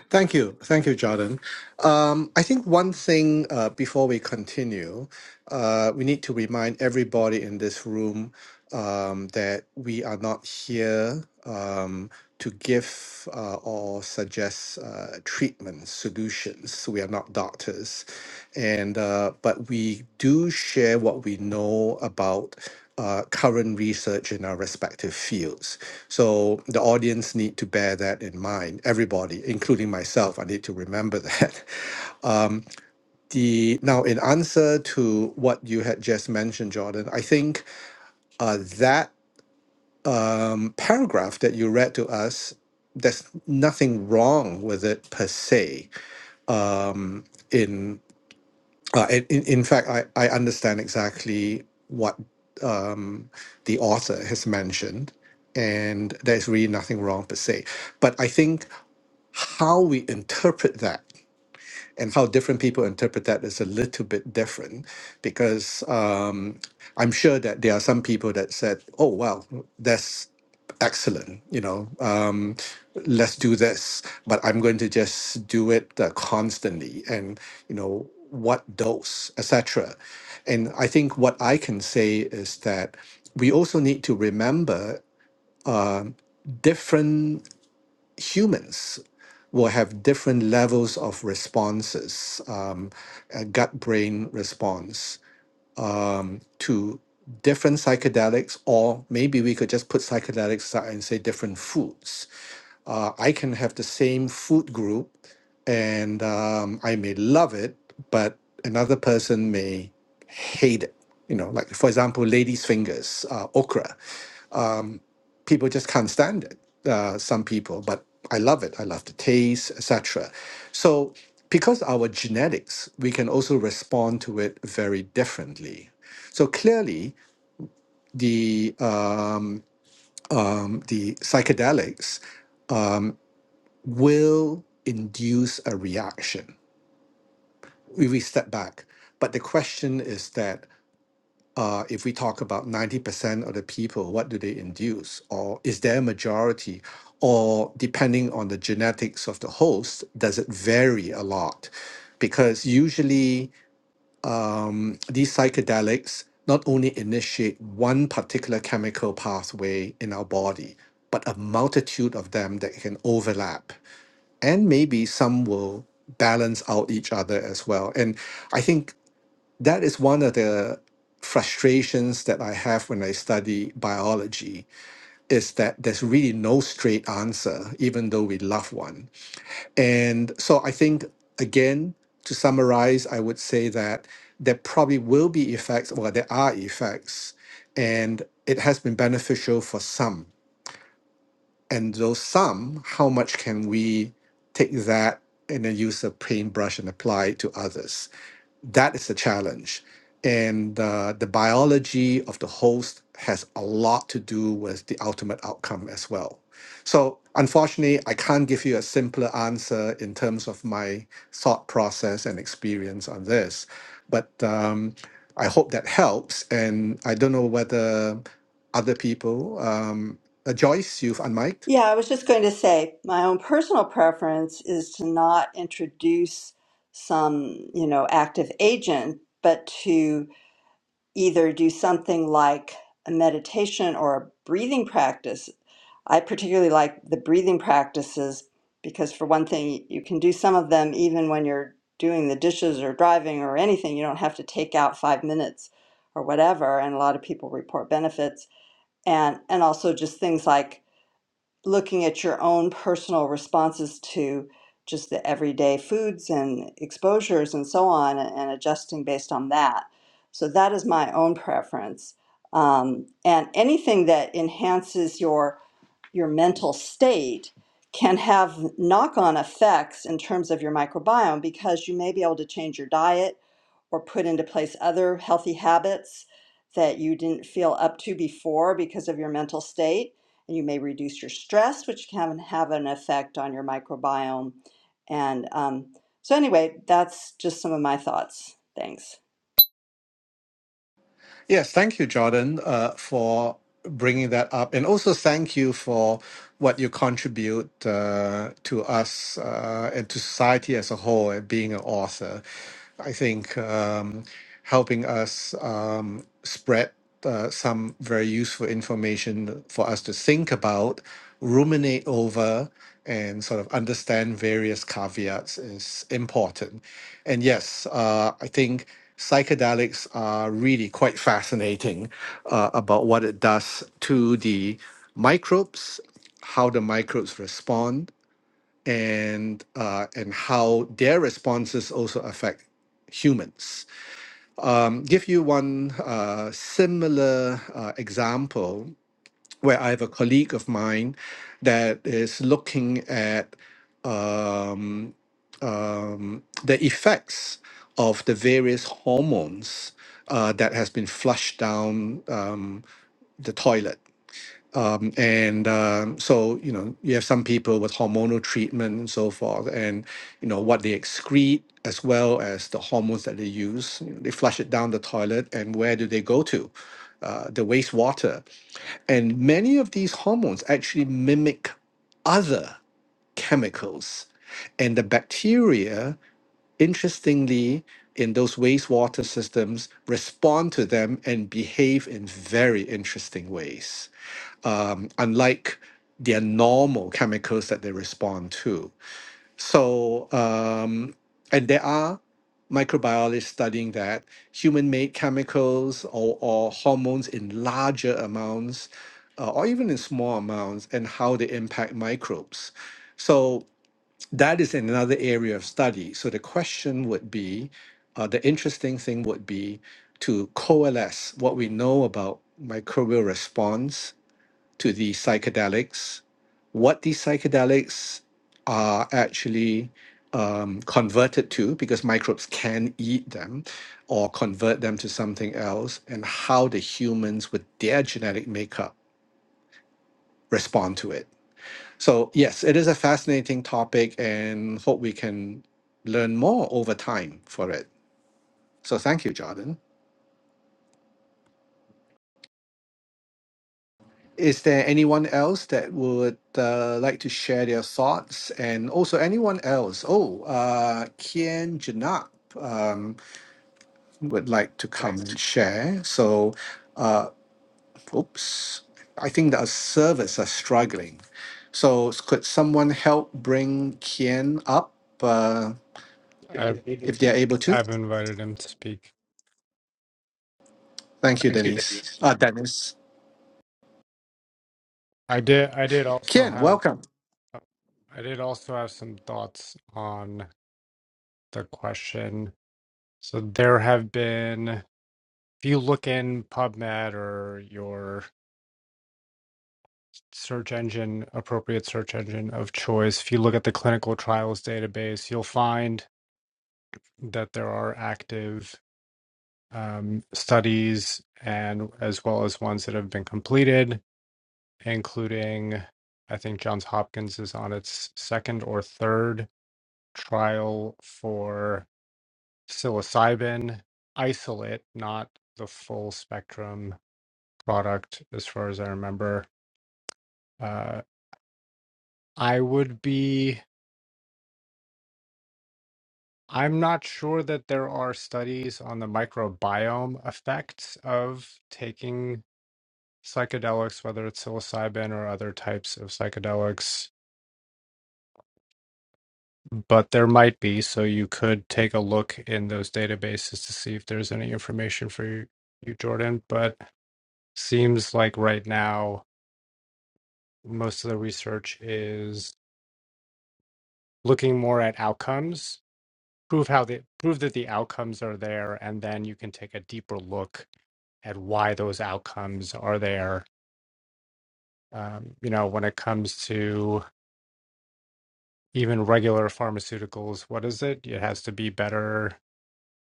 Thank you. Thank you, Jordan. Um, I think one thing uh, before we continue, uh, we need to remind everybody in this room um, that we are not here um, to give uh, or suggest uh, treatments, solutions so we are not doctors and uh, but we do share what we know about uh, current research in our respective fields so the audience need to bear that in mind everybody including myself i need to remember that [laughs] um, the now in answer to what you had just mentioned jordan i think uh, that um, paragraph that you read to us there's nothing wrong with it per se um, in uh, in, in in fact, I, I understand exactly what um, the author has mentioned, and there's really nothing wrong per se. But I think how we interpret that and how different people interpret that is a little bit different because um, I'm sure that there are some people that said, "Oh, wow, that's excellent," you know, um, "Let's do this," but I'm going to just do it uh, constantly, and you know, what dose, etc. And I think what I can say is that we also need to remember um, different humans will have different levels of responses, um, a gut brain response um, to different psychedelics, or maybe we could just put psychedelics aside and say different foods. Uh, I can have the same food group and um, I may love it, but another person may hate it. You know, like for example, ladies' fingers, uh, okra people just can't stand it. Uh, some people, but I love it. I love the taste, etc. So because our genetics, we can also respond to it very differently. So clearly, the um, um, the psychedelics um, will induce a reaction if we step back. But the question is that uh, if we talk about 90% of the people, what do they induce? Or is there a majority? Or depending on the genetics of the host, does it vary a lot? Because usually um, these psychedelics not only initiate one particular chemical pathway in our body, but a multitude of them that can overlap. And maybe some will balance out each other as well. And I think that is one of the frustrations that I have when I study biology is that there's really no straight answer, even though we love one. And so I think, again, to summarize, I would say that there probably will be effects, well, there are effects, and it has been beneficial for some. And those some, how much can we take that and then use a paintbrush and apply it to others? that is the challenge. And uh, the biology of the host has a lot to do with the ultimate outcome as well. So, unfortunately, I can't give you a simpler answer in terms of my thought process and experience on this. But um, I hope that helps. And I don't know whether other people, um, uh, Joyce, you've unmiked.
Yeah, I was just going to say my own personal preference is to not introduce some, you know, active agent, but to either do something like a meditation or a breathing practice. I particularly like the breathing practices because, for one thing, you can do some of them even when you're doing the dishes or driving or anything. You don't have to take out five minutes or whatever. And a lot of people report benefits. And, and also just things like looking at your own personal responses to just the everyday foods and exposures and so on and adjusting based on that. So that is my own preference. Um, and anything that enhances your your mental state can have knock-on effects in terms of your microbiome because you may be able to change your diet or put into place other healthy habits that you didn't feel up to before because of your mental state. And you may reduce your stress, which can have an effect on your microbiome. And um, so, anyway, that's just some of my thoughts. Thanks.
Yes, thank you, Jordan, uh, for bringing that up. And also thank you for what you contribute uh, to us uh, and to society as a whole, uh, being an author. I think um, helping us um, spread uh, some very useful information for us to think about, ruminate over, and sort of understand various caveats is important. And yes, uh, I think psychedelics are really quite fascinating uh, about what it does to the microbes, how the microbes respond, and uh, and how their responses also affect humans um, give you one uh, similar uh, example where I have a colleague of mine that is looking at um, um, the effects of the various hormones uh, that has been flushed down um, the toilet um, and um, so, you know, you have some people with hormonal treatment and so forth, and, you know, what they excrete as well as the hormones that they use. You know, they flush it down the toilet, and where do they go to? Uh, the wastewater. And many of these hormones actually mimic other chemicals. And the bacteria, interestingly, in those wastewater systems respond to them and behave in very interesting ways um, unlike their normal chemicals that they respond to. So, um, and there are microbiologists studying that human made chemicals or, or hormones in larger amounts uh, or even in small amounts and how they impact microbes. So, that is another area of study. So, the question would be uh, the interesting thing would be to coalesce what we know about microbial response to the psychedelics, what these psychedelics are actually um, converted to, because microbes can eat them or convert them to something else, and how the humans with their genetic makeup respond to it. So, yes, it is a fascinating topic and hope we can learn more over time for it. So, thank you, Jordan. Is there anyone else that would uh, like to share their thoughts? And also, anyone else? Oh, uh, Kian Janap um, would like to come and share. So, oops, I think that our servers are struggling. So, s- could someone help bring Kian up uh,
I've
if they're able to?
I've invited him to speak.
Thank you, Denise. Uh, Dennis.
I did I did also
Kian,
have
welcome.
uh, I did also have some thoughts on the question. So there have been, if you look in PubMed or your search engine, appropriate search engine of choice, if you look at the clinical trials database, you'll find that there are active um, studies and as well as ones that have been completed, including I think Johns Hopkins is on its second or third trial for psilocybin isolate, not the full spectrum product, as far as I remember. Uh, I would be. I'm not sure that there are studies on the microbiome effects of taking psychedelics, whether it's psilocybin or other types of psychedelics, but there might be. So you could take a look in those databases to see if there's any information for you, you Jordan. But seems like right now, most of the research is looking more at outcomes, prove how the prove that the outcomes are there, and then you can take a deeper look at why those outcomes are there. Um, you know, when it comes to even regular pharmaceuticals, what is it? It has to be better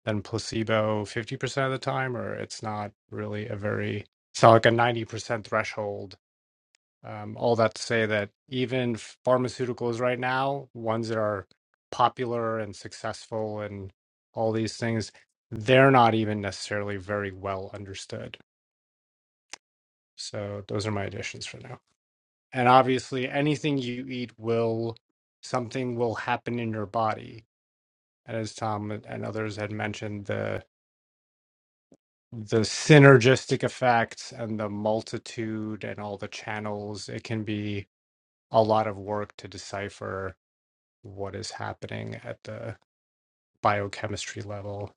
than placebo 50% of the time, or it's not really a very, it's not like a 90% threshold. Um, all that to say that even pharmaceuticals right now, ones that are popular and successful and all these things, they're not even necessarily very well understood. So those are my additions for now. And obviously, anything you eat will, something will happen in your body and as Tom and others had mentioned, the the synergistic effects and the multitude and all the channels, it can be a lot of work to decipher what is happening at the biochemistry level.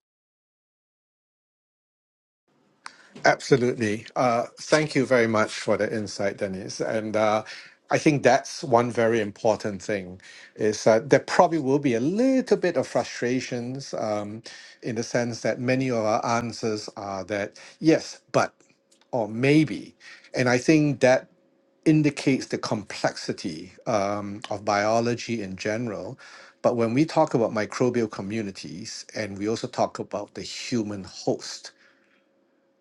Absolutely. Uh, thank you very much for the insight, Dennis. And uh, I think that's one very important thing is that there probably will be a little bit of frustrations um, in the sense that many of our answers are that yes, but or maybe. And I think that indicates the complexity um, of biology in general. But when we talk about microbial communities and we also talk about the human host,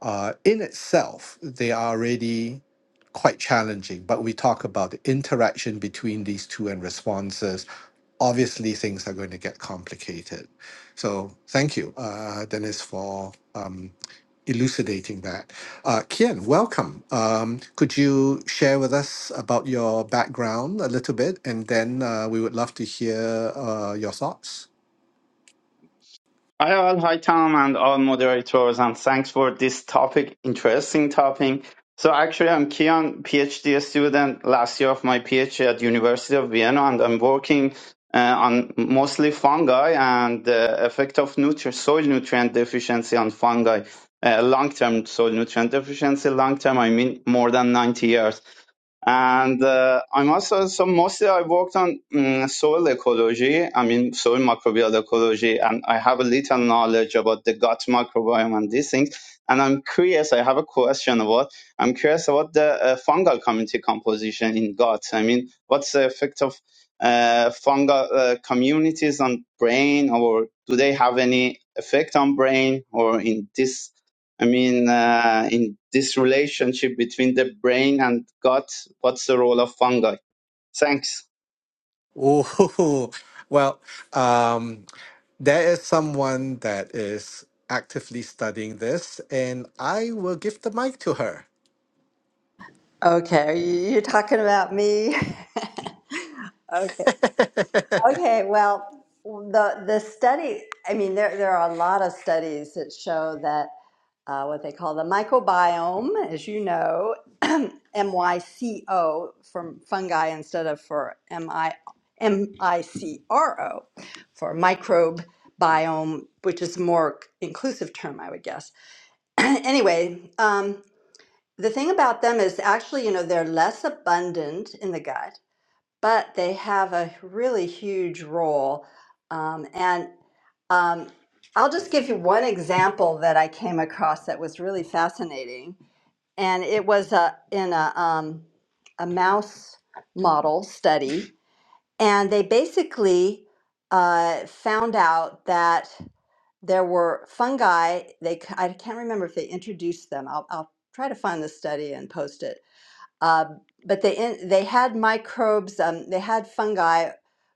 uh, in itself, they are already quite challenging. But we talk about the interaction between these two and responses. Obviously, things are going to get complicated. So, thank you, uh, Dennis, for um, elucidating that. Uh, Kian, welcome. Um, could you share with us about your background a little bit? And then uh, we would love to hear uh, your thoughts.
Hi all, hi Tom and all moderators, and thanks for this topic, interesting topic. So actually, I'm Kian, PhD student, last year of my PhD at University of Vienna, and I'm working uh, on mostly fungi and the effect of nutri- soil nutrient deficiency on fungi. Uh, long-term soil nutrient deficiency, long-term I mean more than 90 years. And uh, I'm also, so mostly I worked on mm, soil ecology, I mean, soil microbial ecology, and I have a little knowledge about the gut microbiome and these things. And I'm curious, I have a question about, I'm curious about the uh, fungal community composition in gut. I mean, what's the effect of uh, fungal uh, communities on brain, or do they have any effect on brain or in this I mean, uh, in this relationship between the brain and gut, what's the role of fungi? Thanks.
Ooh, [laughs] well, um, there is someone that is actively studying this, and I will give the mic to her.
Okay, are you you talking about me? [laughs] okay. Okay, well, the the study, I mean, there there are a lot of studies that show that uh, what they call the microbiome, as you know, [clears throat] M Y C O from fungi instead of for M I M I C R O for microbe biome, which is a more inclusive term, I would guess. [clears throat] anyway, um, the thing about them is actually, you know, they're less abundant in the gut but they have a really huge role. Um, and um, I'll just give you one example that I came across that was really fascinating. And it was uh in a, um, a mouse model study. And they basically uh, found out that there were fungi. They, c- I can't remember if they introduced them. I'll, I'll try to find the study and post it um, but they in, they had microbes, um, they had fungi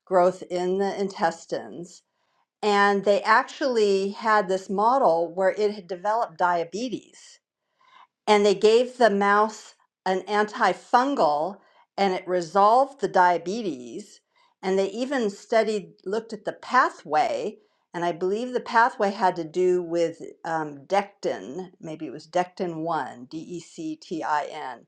growth in the intestines, and they actually had this model where it had developed diabetes. And they gave the mouse an antifungal, and it resolved the diabetes. And they even studied, looked at the pathway, and I believe the pathway had to do with um, dectin. Maybe it was dectin one, D E C T I N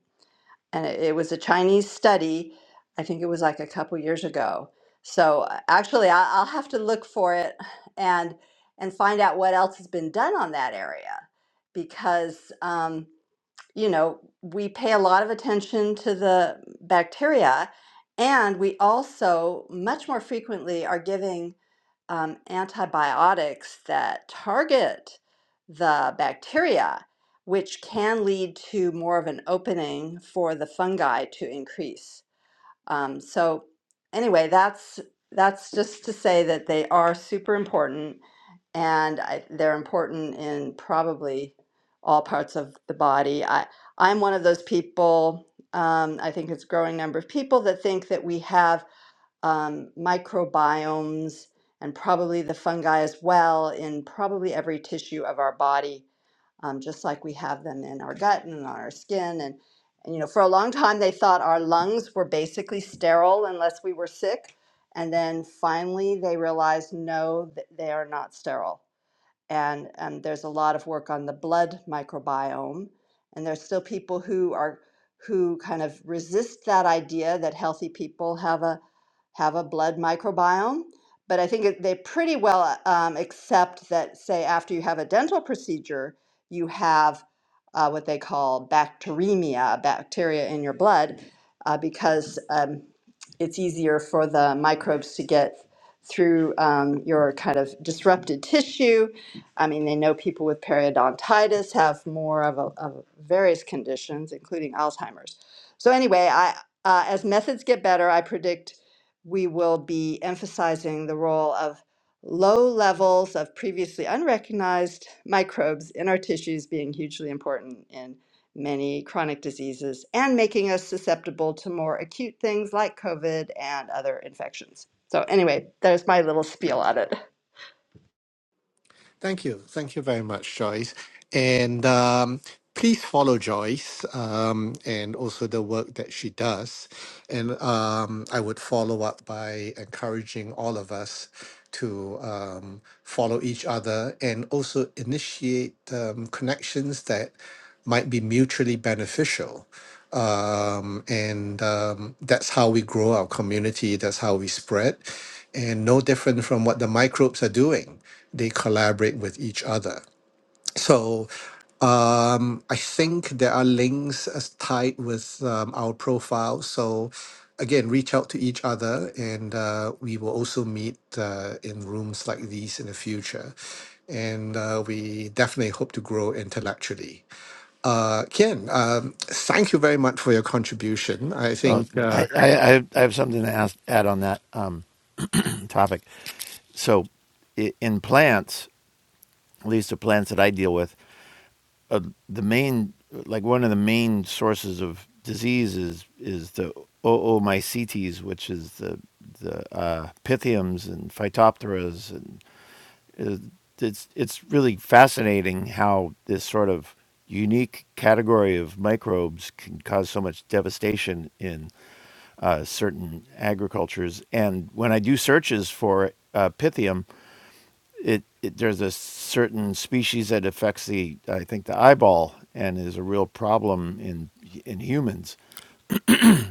and it, it was a Chinese study. I think it was like a couple years ago. So uh, actually, I, I'll have to look for it and and find out what else has been done on that area, because um, you know we pay a lot of attention to the bacteria, and we also much more frequently are giving um, antibiotics that target the bacteria, which can lead to more of an opening for the fungi to increase. Um, so, anyway, that's that's just to say that they are super important, and I, they're important in probably all parts of the body. I I'm one of those people. Um, I think it's a growing number of people that think that we have um, microbiomes and probably the fungi as well in probably every tissue of our body, um, just like we have them in our gut and on our skin. And, and, you know, for a long time, they thought our lungs were basically sterile unless we were sick. And then finally, they realized no, th- they are not sterile and um, there's a lot of work on the blood microbiome and there's still people who are who kind of resist that idea that healthy people have a have a blood microbiome but i think it- they pretty well um, accept that say after you have a dental procedure you have uh, what they call bacteremia bacteria in your blood uh, because um, it's easier for the microbes to get through um, your kind of disrupted tissue I mean, they know people with periodontitis have more of, a, of various conditions, including Alzheimer's. So anyway, I uh, as methods get better, I predict we will be emphasizing the role of low levels of previously unrecognized microbes in our tissues being hugely important in many chronic diseases and making us susceptible to more acute things like COVID and other infections. So anyway, there's my little spiel on it.
Thank you. Thank you very much, Joyce. And um, please follow Joyce um, and also the work that she does. And um, I would follow up by encouraging all of us to um, follow each other and also initiate um, connections that might be mutually beneficial. Um, and um, that's how we grow our community, that's how we spread, and no different from what the microbes are doing they collaborate with each other. So um, I think there are links as tied with um, our profile. So again, reach out to each other, and uh, we will also meet uh, in rooms like these in the future. And uh, we definitely hope to grow intellectually. Uh, Kian, um, thank you very much for your contribution. I
Oh,
think uh,
I, I, I have something to ask, add on that um, [clears throat] topic. So, i- in plants, at least the plants that I deal with, uh, the main, like one of the main sources of disease is, is the oomycetes, which is the the uh, pythiums and phytopteras, and uh, it's it's really fascinating how this sort of unique category of microbes can cause so much devastation in uh, certain agricultures. And when I do searches for uh, Pythium, it, it there's a certain species that affects the I think the eyeball and is a real problem in in humans.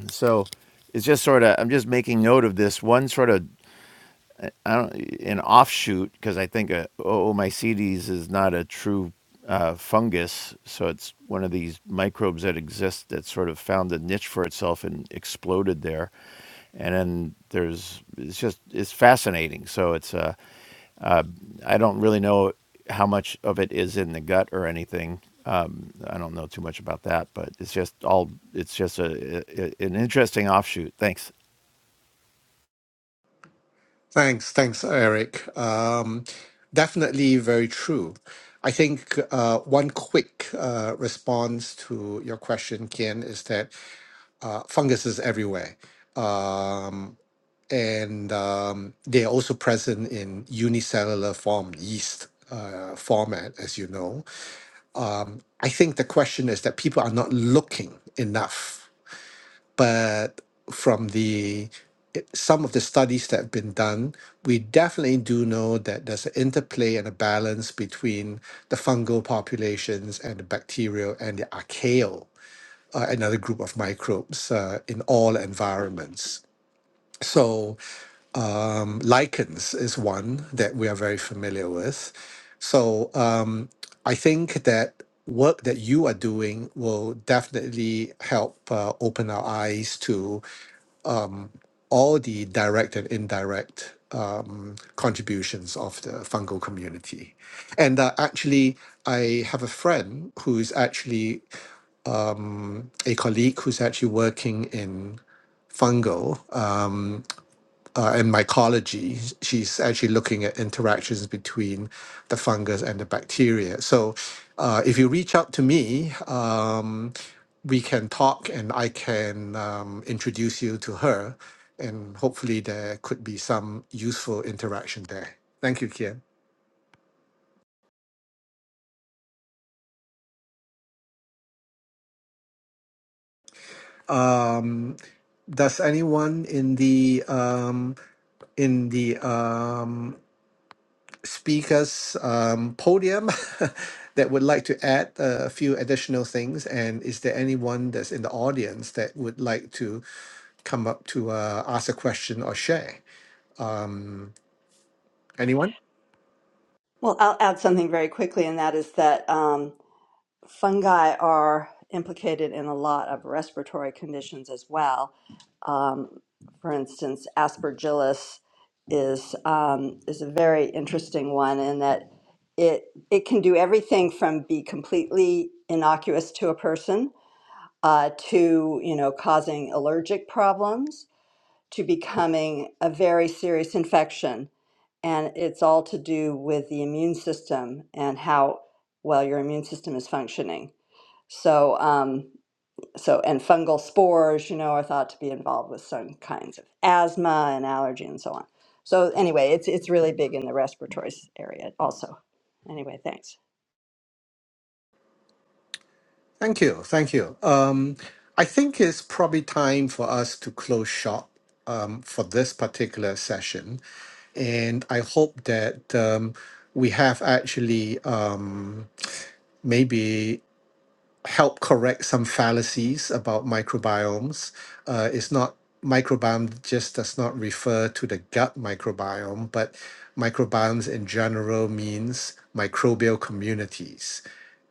So it's just sort of I'm just making note of this one sort of I don't an offshoot because I think a Oomycetes is not a true uh, fungus, so it's one of these microbes that exist that sort of found a niche for itself and exploded there. And then there's it's just it's fascinating. So it's uh, uh, I don't really know how much of it is in the gut or anything. Um, I don't know too much about that, but it's just all it's just a, a an interesting offshoot. Thanks.
Thanks, thanks, Eric. Um, definitely very true. I think uh, one quick uh, response to your question, Kian, is that uh, fungus is everywhere. Um, and um, they are also present in unicellular form, yeast uh, format, as you know. I think the question is that people are not looking enough but from the it- some of the studies that have been done, we definitely do know that there's an interplay and a balance between the fungal populations and the bacterial and the archaeal, uh, another group of microbes uh, in all environments. So, um, lichens is one that we are very familiar with. So, um, I think that work that you are doing will definitely help uh, open our eyes to all the direct and indirect um, contributions of the fungal community. And uh, actually, I have a friend who's actually um, a colleague who's actually working in fungal. Um, uh, in mycology, she's actually looking at interactions between the fungus and the bacteria. So, uh, if you reach out to me, um, we can talk and I can um, introduce you to her, and hopefully there could be some useful interaction there. Thank you, Kian. Um, does anyone in the um, in the um, speakers um, podium [laughs] that would like to add uh, a few additional things? And is there anyone that's in the audience that would like to come up to uh, ask a question or share? Um, anyone?
Well, I'll add something very quickly, and that is that um, fungi are implicated in a lot of respiratory conditions as well. Um, for instance, aspergillus is um, is a very interesting one in that it it can do everything from be completely innocuous to a person uh, to you know causing allergic problems to becoming a very serious infection and it's all to do with the immune system and how well your immune system is functioning. So, um, so and fungal spores, you know, are thought to be involved with some kinds of asthma and allergy and so on. So anyway, it's it's really big in the respiratory s- area also. Anyway, thanks.
Thank you. Thank you. Um, I think it's probably time for us to close shop um, for this particular session. And I hope that um, we have actually um, maybe help correct some fallacies about microbiomes. Uh, it's not microbiome just does not refer to the gut microbiome, but microbiomes in general means microbial communities.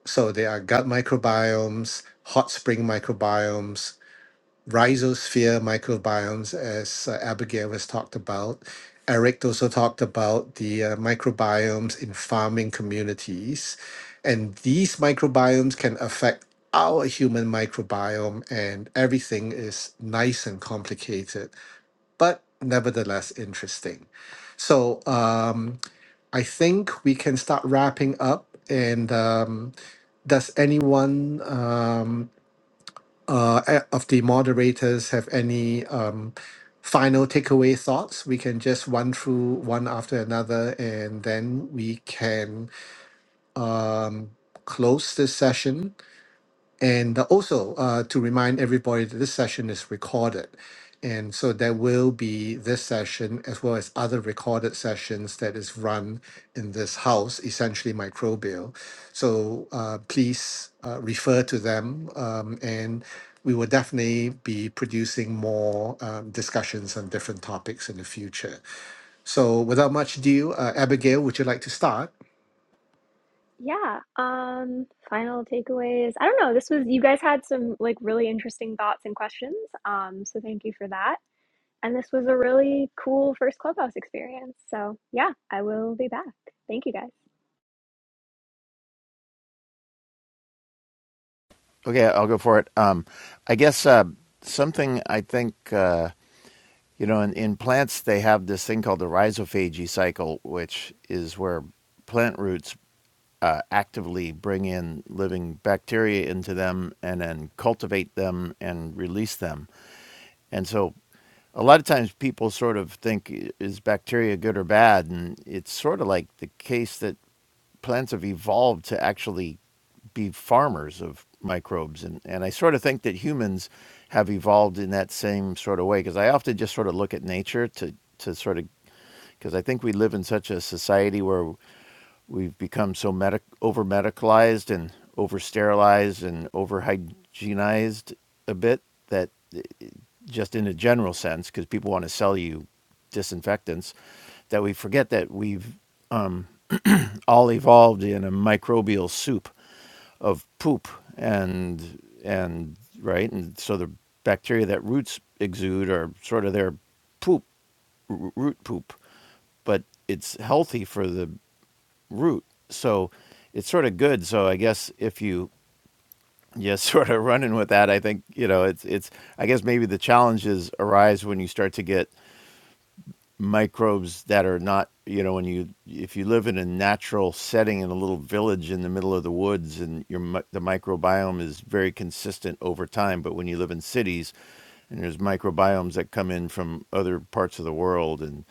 So there are gut microbiomes, hot spring microbiomes, rhizosphere microbiomes, as uh, Abigail has talked about. Eric also talked about the uh, microbiomes in farming communities. And these microbiomes can affect our human microbiome, and everything is nice and complicated, but nevertheless interesting. So um, I think we can start wrapping up. And um, does anyone? Um, uh, a- of the moderators have any um, final takeaway thoughts, we can just run through one after another and then we can um, close this session. And uh, also uh, to remind everybody that this session is recorded. And so there will be this session as well as other recorded sessions that is run in this house, essentially microbial. So uh, please uh, refer to them um, and we will definitely be producing more um, discussions on different topics in the future. So without much ado, uh, Abigail, would you like to start?
Yeah, um final takeaways. I don't know, this was you guys had some like really interesting thoughts and questions. Um so thank you for that. And this was a really cool first clubhouse experience. So, yeah, I will be back. Thank you guys.
Okay, I'll go for it. Um, I guess uh, something I think uh, you know in, in plants they have this thing called the rhizophagy cycle, which is where plant roots uh, actively bring in living bacteria into them and then cultivate them and release them. And so, a lot of times people sort of think is bacteria good or bad, and it's sort of like the case that plants have evolved to actually be farmers of microbes and, and i sort of think that humans have evolved in that same sort of way because i often just sort of look at nature to, to sort of because i think we live in such a society where we've become so medic- over medicalized and over sterilized and over hygienized a bit that just in a general sense because people want to sell you disinfectants that we forget that we've all evolved in a microbial soup of poop and and right and so the bacteria that roots exude are sort of their poop r- root poop but it's healthy for the root so it's sort of good so i guess if you just [laughs] sort of running with that i think you know it's it's i guess maybe the challenges arise when you start to get microbes that are not you know when you if you live in a natural setting in a little village in the middle of the woods and your mi- the microbiome is very consistent over time but when you live in cities and there's microbiomes that come in from other parts of the world and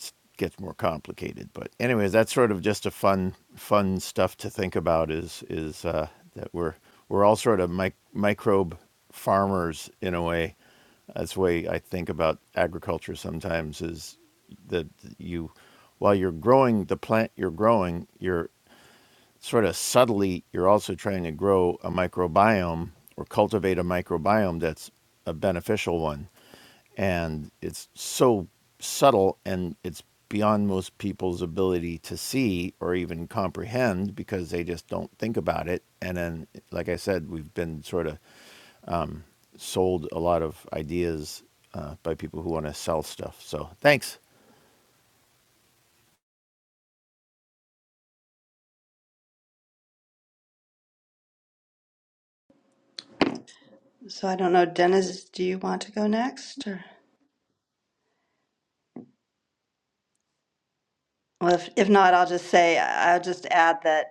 it gets more complicated. But anyways, that's sort of just a fun fun stuff to think about is is uh, that we're we're all sort of mic- microbe farmers in a way. That's the way I think about agriculture sometimes is that you while you're growing the plant you're growing, you're sort of subtly you're also trying to grow a microbiome or cultivate a microbiome that's a beneficial one and it's so subtle and it's beyond most people's ability to see or even comprehend because they just don't think about it and then like i said we've been sort of sold a lot of ideas uh, by people who want to sell stuff so thanks
So I don't know, Dennis, do you want to go next? Or? Well, if, if not, I'll just say I'll just add that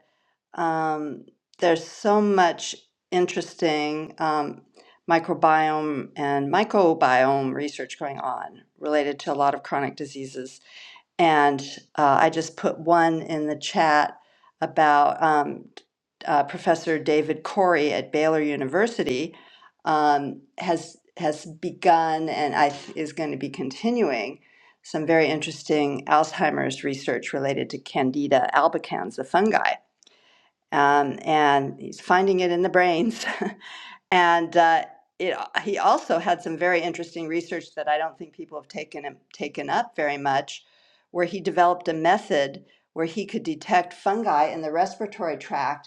Um, there's so much interesting um, microbiome and microbiome research going on related to a lot of chronic diseases. And uh, I just put one in the chat about um, uh, Professor David Corey at Baylor University um, has has begun and I th- is going to be continuing some very interesting Alzheimer's research related to Candida albicans, the fungi um, and he's finding it in the brains. [laughs] and uh, it, he also had some very interesting research that I don't think people have taken taken up very much, where he developed a method where he could detect fungi in the respiratory tract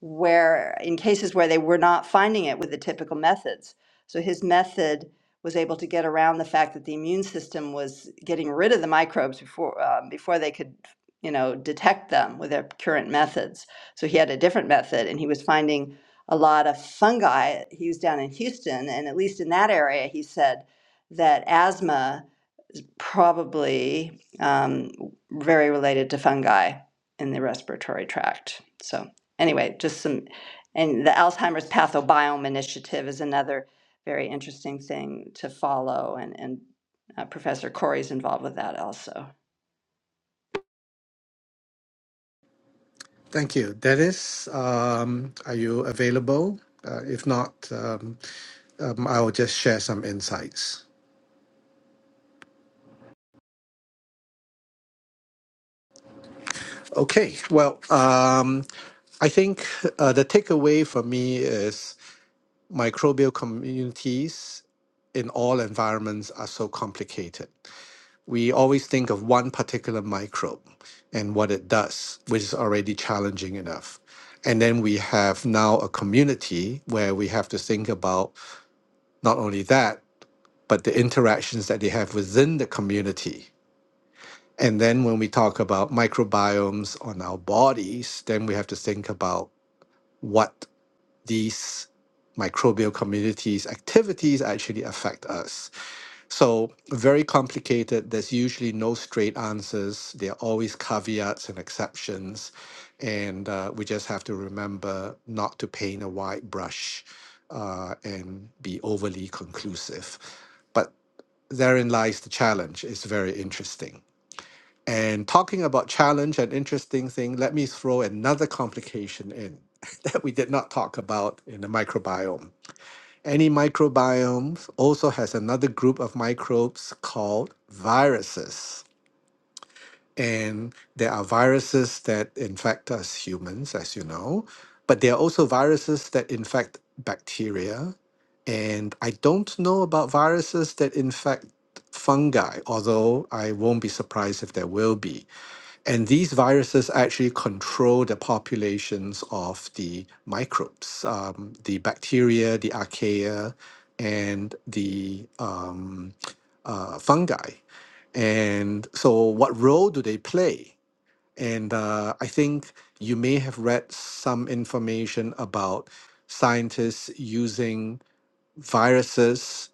where in cases where they were not finding it with the typical methods. So his method was able to get around the fact that the immune system was getting rid of the microbes before um, before they could you know detect them with their current methods. So he had a different method, and he was finding a lot of fungi. He was down in Houston, and at least in that area, he said that asthma is probably um, very related to fungi in the respiratory tract. So, anyway, just some, and the Alzheimer's Pathobiome Initiative is another very interesting thing to follow, and, and uh, Professor Corey's involved with that also.
Thank you. Dennis, um, are you available? Uh, if not, um, um, I'll just share some insights. Okay, well, um, I think uh, the takeaway for me is microbial communities in all environments are so complicated. We always think of one particular microbe and what it does, which is already challenging enough. And then we have now a community where we have to think about not only that, but the interactions that they have within the community. And then when we talk about microbiomes on our bodies, then we have to think about what these microbial communities' activities actually affect us. So, very complicated. There's usually no straight answers, there are always caveats and exceptions. And uh, we just have to remember not to paint a wide brush uh, and be overly conclusive. But therein lies the challenge. It's very interesting. And talking about challenge and interesting thing, let me throw another complication in [laughs] that we did not talk about in the microbiome. Any microbiome also has another group of microbes called viruses. And there are viruses that infect us humans, as you know, but there are also viruses that infect bacteria. And I don't know about viruses that infect fungi, although I won't be surprised if there will be. And these viruses actually control the populations of the microbes, um, the bacteria, the archaea, and the um, uh, fungi. And so, what role do they play? And uh, I think you may have read some information about scientists using viruses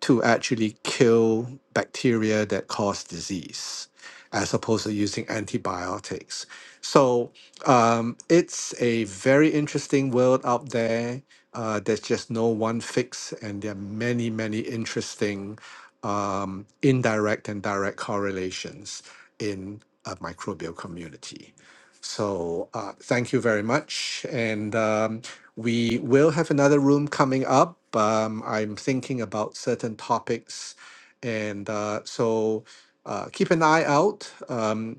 to actually kill bacteria that cause disease as opposed to using antibiotics. So um, it's a very interesting world out there. Uh, there's just no one fix, and there are many, many interesting um, indirect and direct correlations in a microbial community. So uh, thank you very much. And um, we will have another room coming up. Um, I'm thinking about certain topics, and uh, so uh, keep an eye out. Um,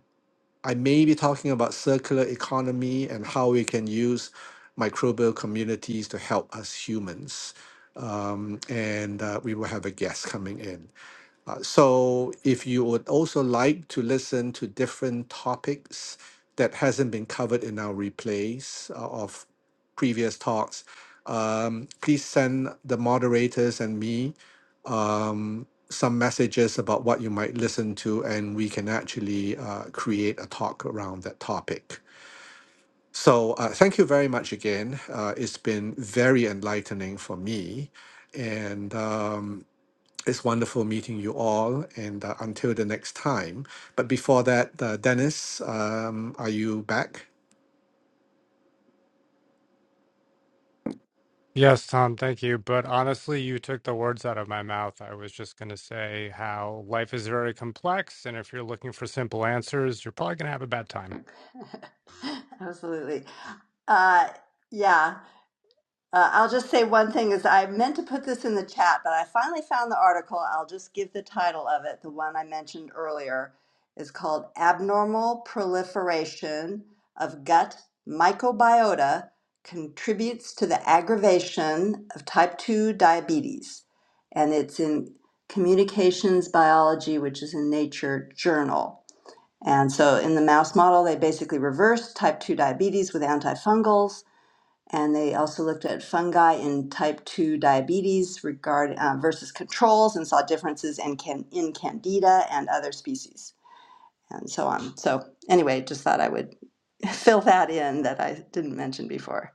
I may be talking about circular economy and how we can use microbial communities to help us humans. Um, and uh, we will have a guest coming in. Uh, so if you would also like to listen to different topics that hasn't been covered in our replays uh, of previous talks, um, please send the moderators and me um, some messages about what you might listen to, and we can actually uh, create a talk around that topic. So uh, thank you very much again. Uh, it's been very enlightening for me, and. Um, it's wonderful meeting you all, and uh, until the next time. But before that, uh, Dennis, um, are you back?
Yes, Tom, thank you. But honestly, you took the words out of my mouth. I was just going to say how life is very complex, and if you're looking for simple answers, you're probably going to have a bad time.
[laughs] Absolutely. Uh, yeah. Uh, I'll just say one thing is I meant to put this in the chat, but I finally found the article. I'll just give the title of it. The one I mentioned earlier is called Abnormal Proliferation of Gut Microbiota Contributes to the Aggravation of Type 2 Diabetes. And it's in Communications Biology, which is in Nature Journal. And so in the mouse model, they basically reversed type 2 diabetes with antifungals and they also looked at fungi in type 2 diabetes regard, uh, versus controls and saw differences in, can, in candida and other species and so on. So, anyway, just thought I would [laughs] fill that in that I didn't mention before.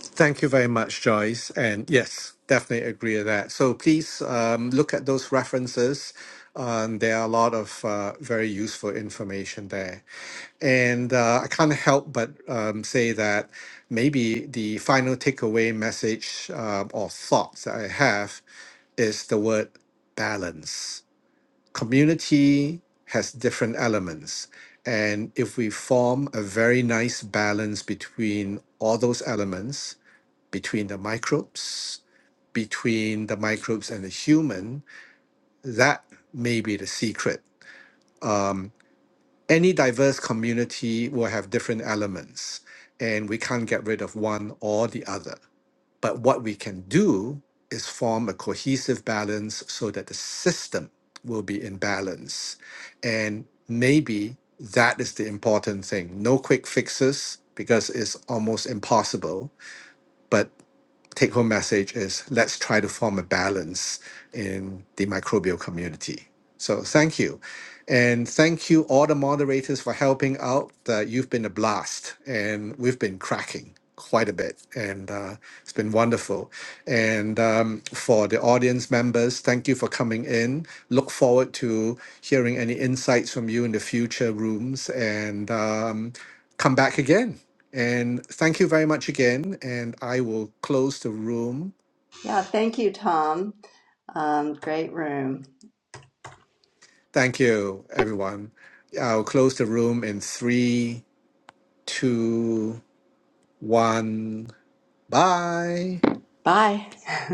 Thank you very much, Joyce. And yes, definitely agree with that. So please um, look at those references. Um, there are a lot of uh, very useful information there. And uh, I can't help but um, say that maybe the final takeaway message uh, or thoughts that I have is the word balance community has different elements. And if we form a very nice balance between all those elements, between the microbes, between the microbes and the human, that may be the secret. Um, any diverse community will have different elements, and we can't get rid of one or the other. But what we can do is form a cohesive balance so that the system will be in balance. And maybe that is the important thing. No quick fixes because it's almost impossible, but take home message is let's try to form a balance in the microbial community. So thank you. And thank you, all the moderators, for helping out. Uh, you've been a blast, and we've been cracking quite a bit, and uh, it's been wonderful. And um, for the audience members, thank you for coming in. Look forward to hearing any insights from you in the future rooms. And um, come back again. And thank you very much again. And I will close the room.
Yeah, thank you, Tom. Um, great room.
Thank you, everyone. I'll close the room in three, two, one. Bye.
Bye. [laughs]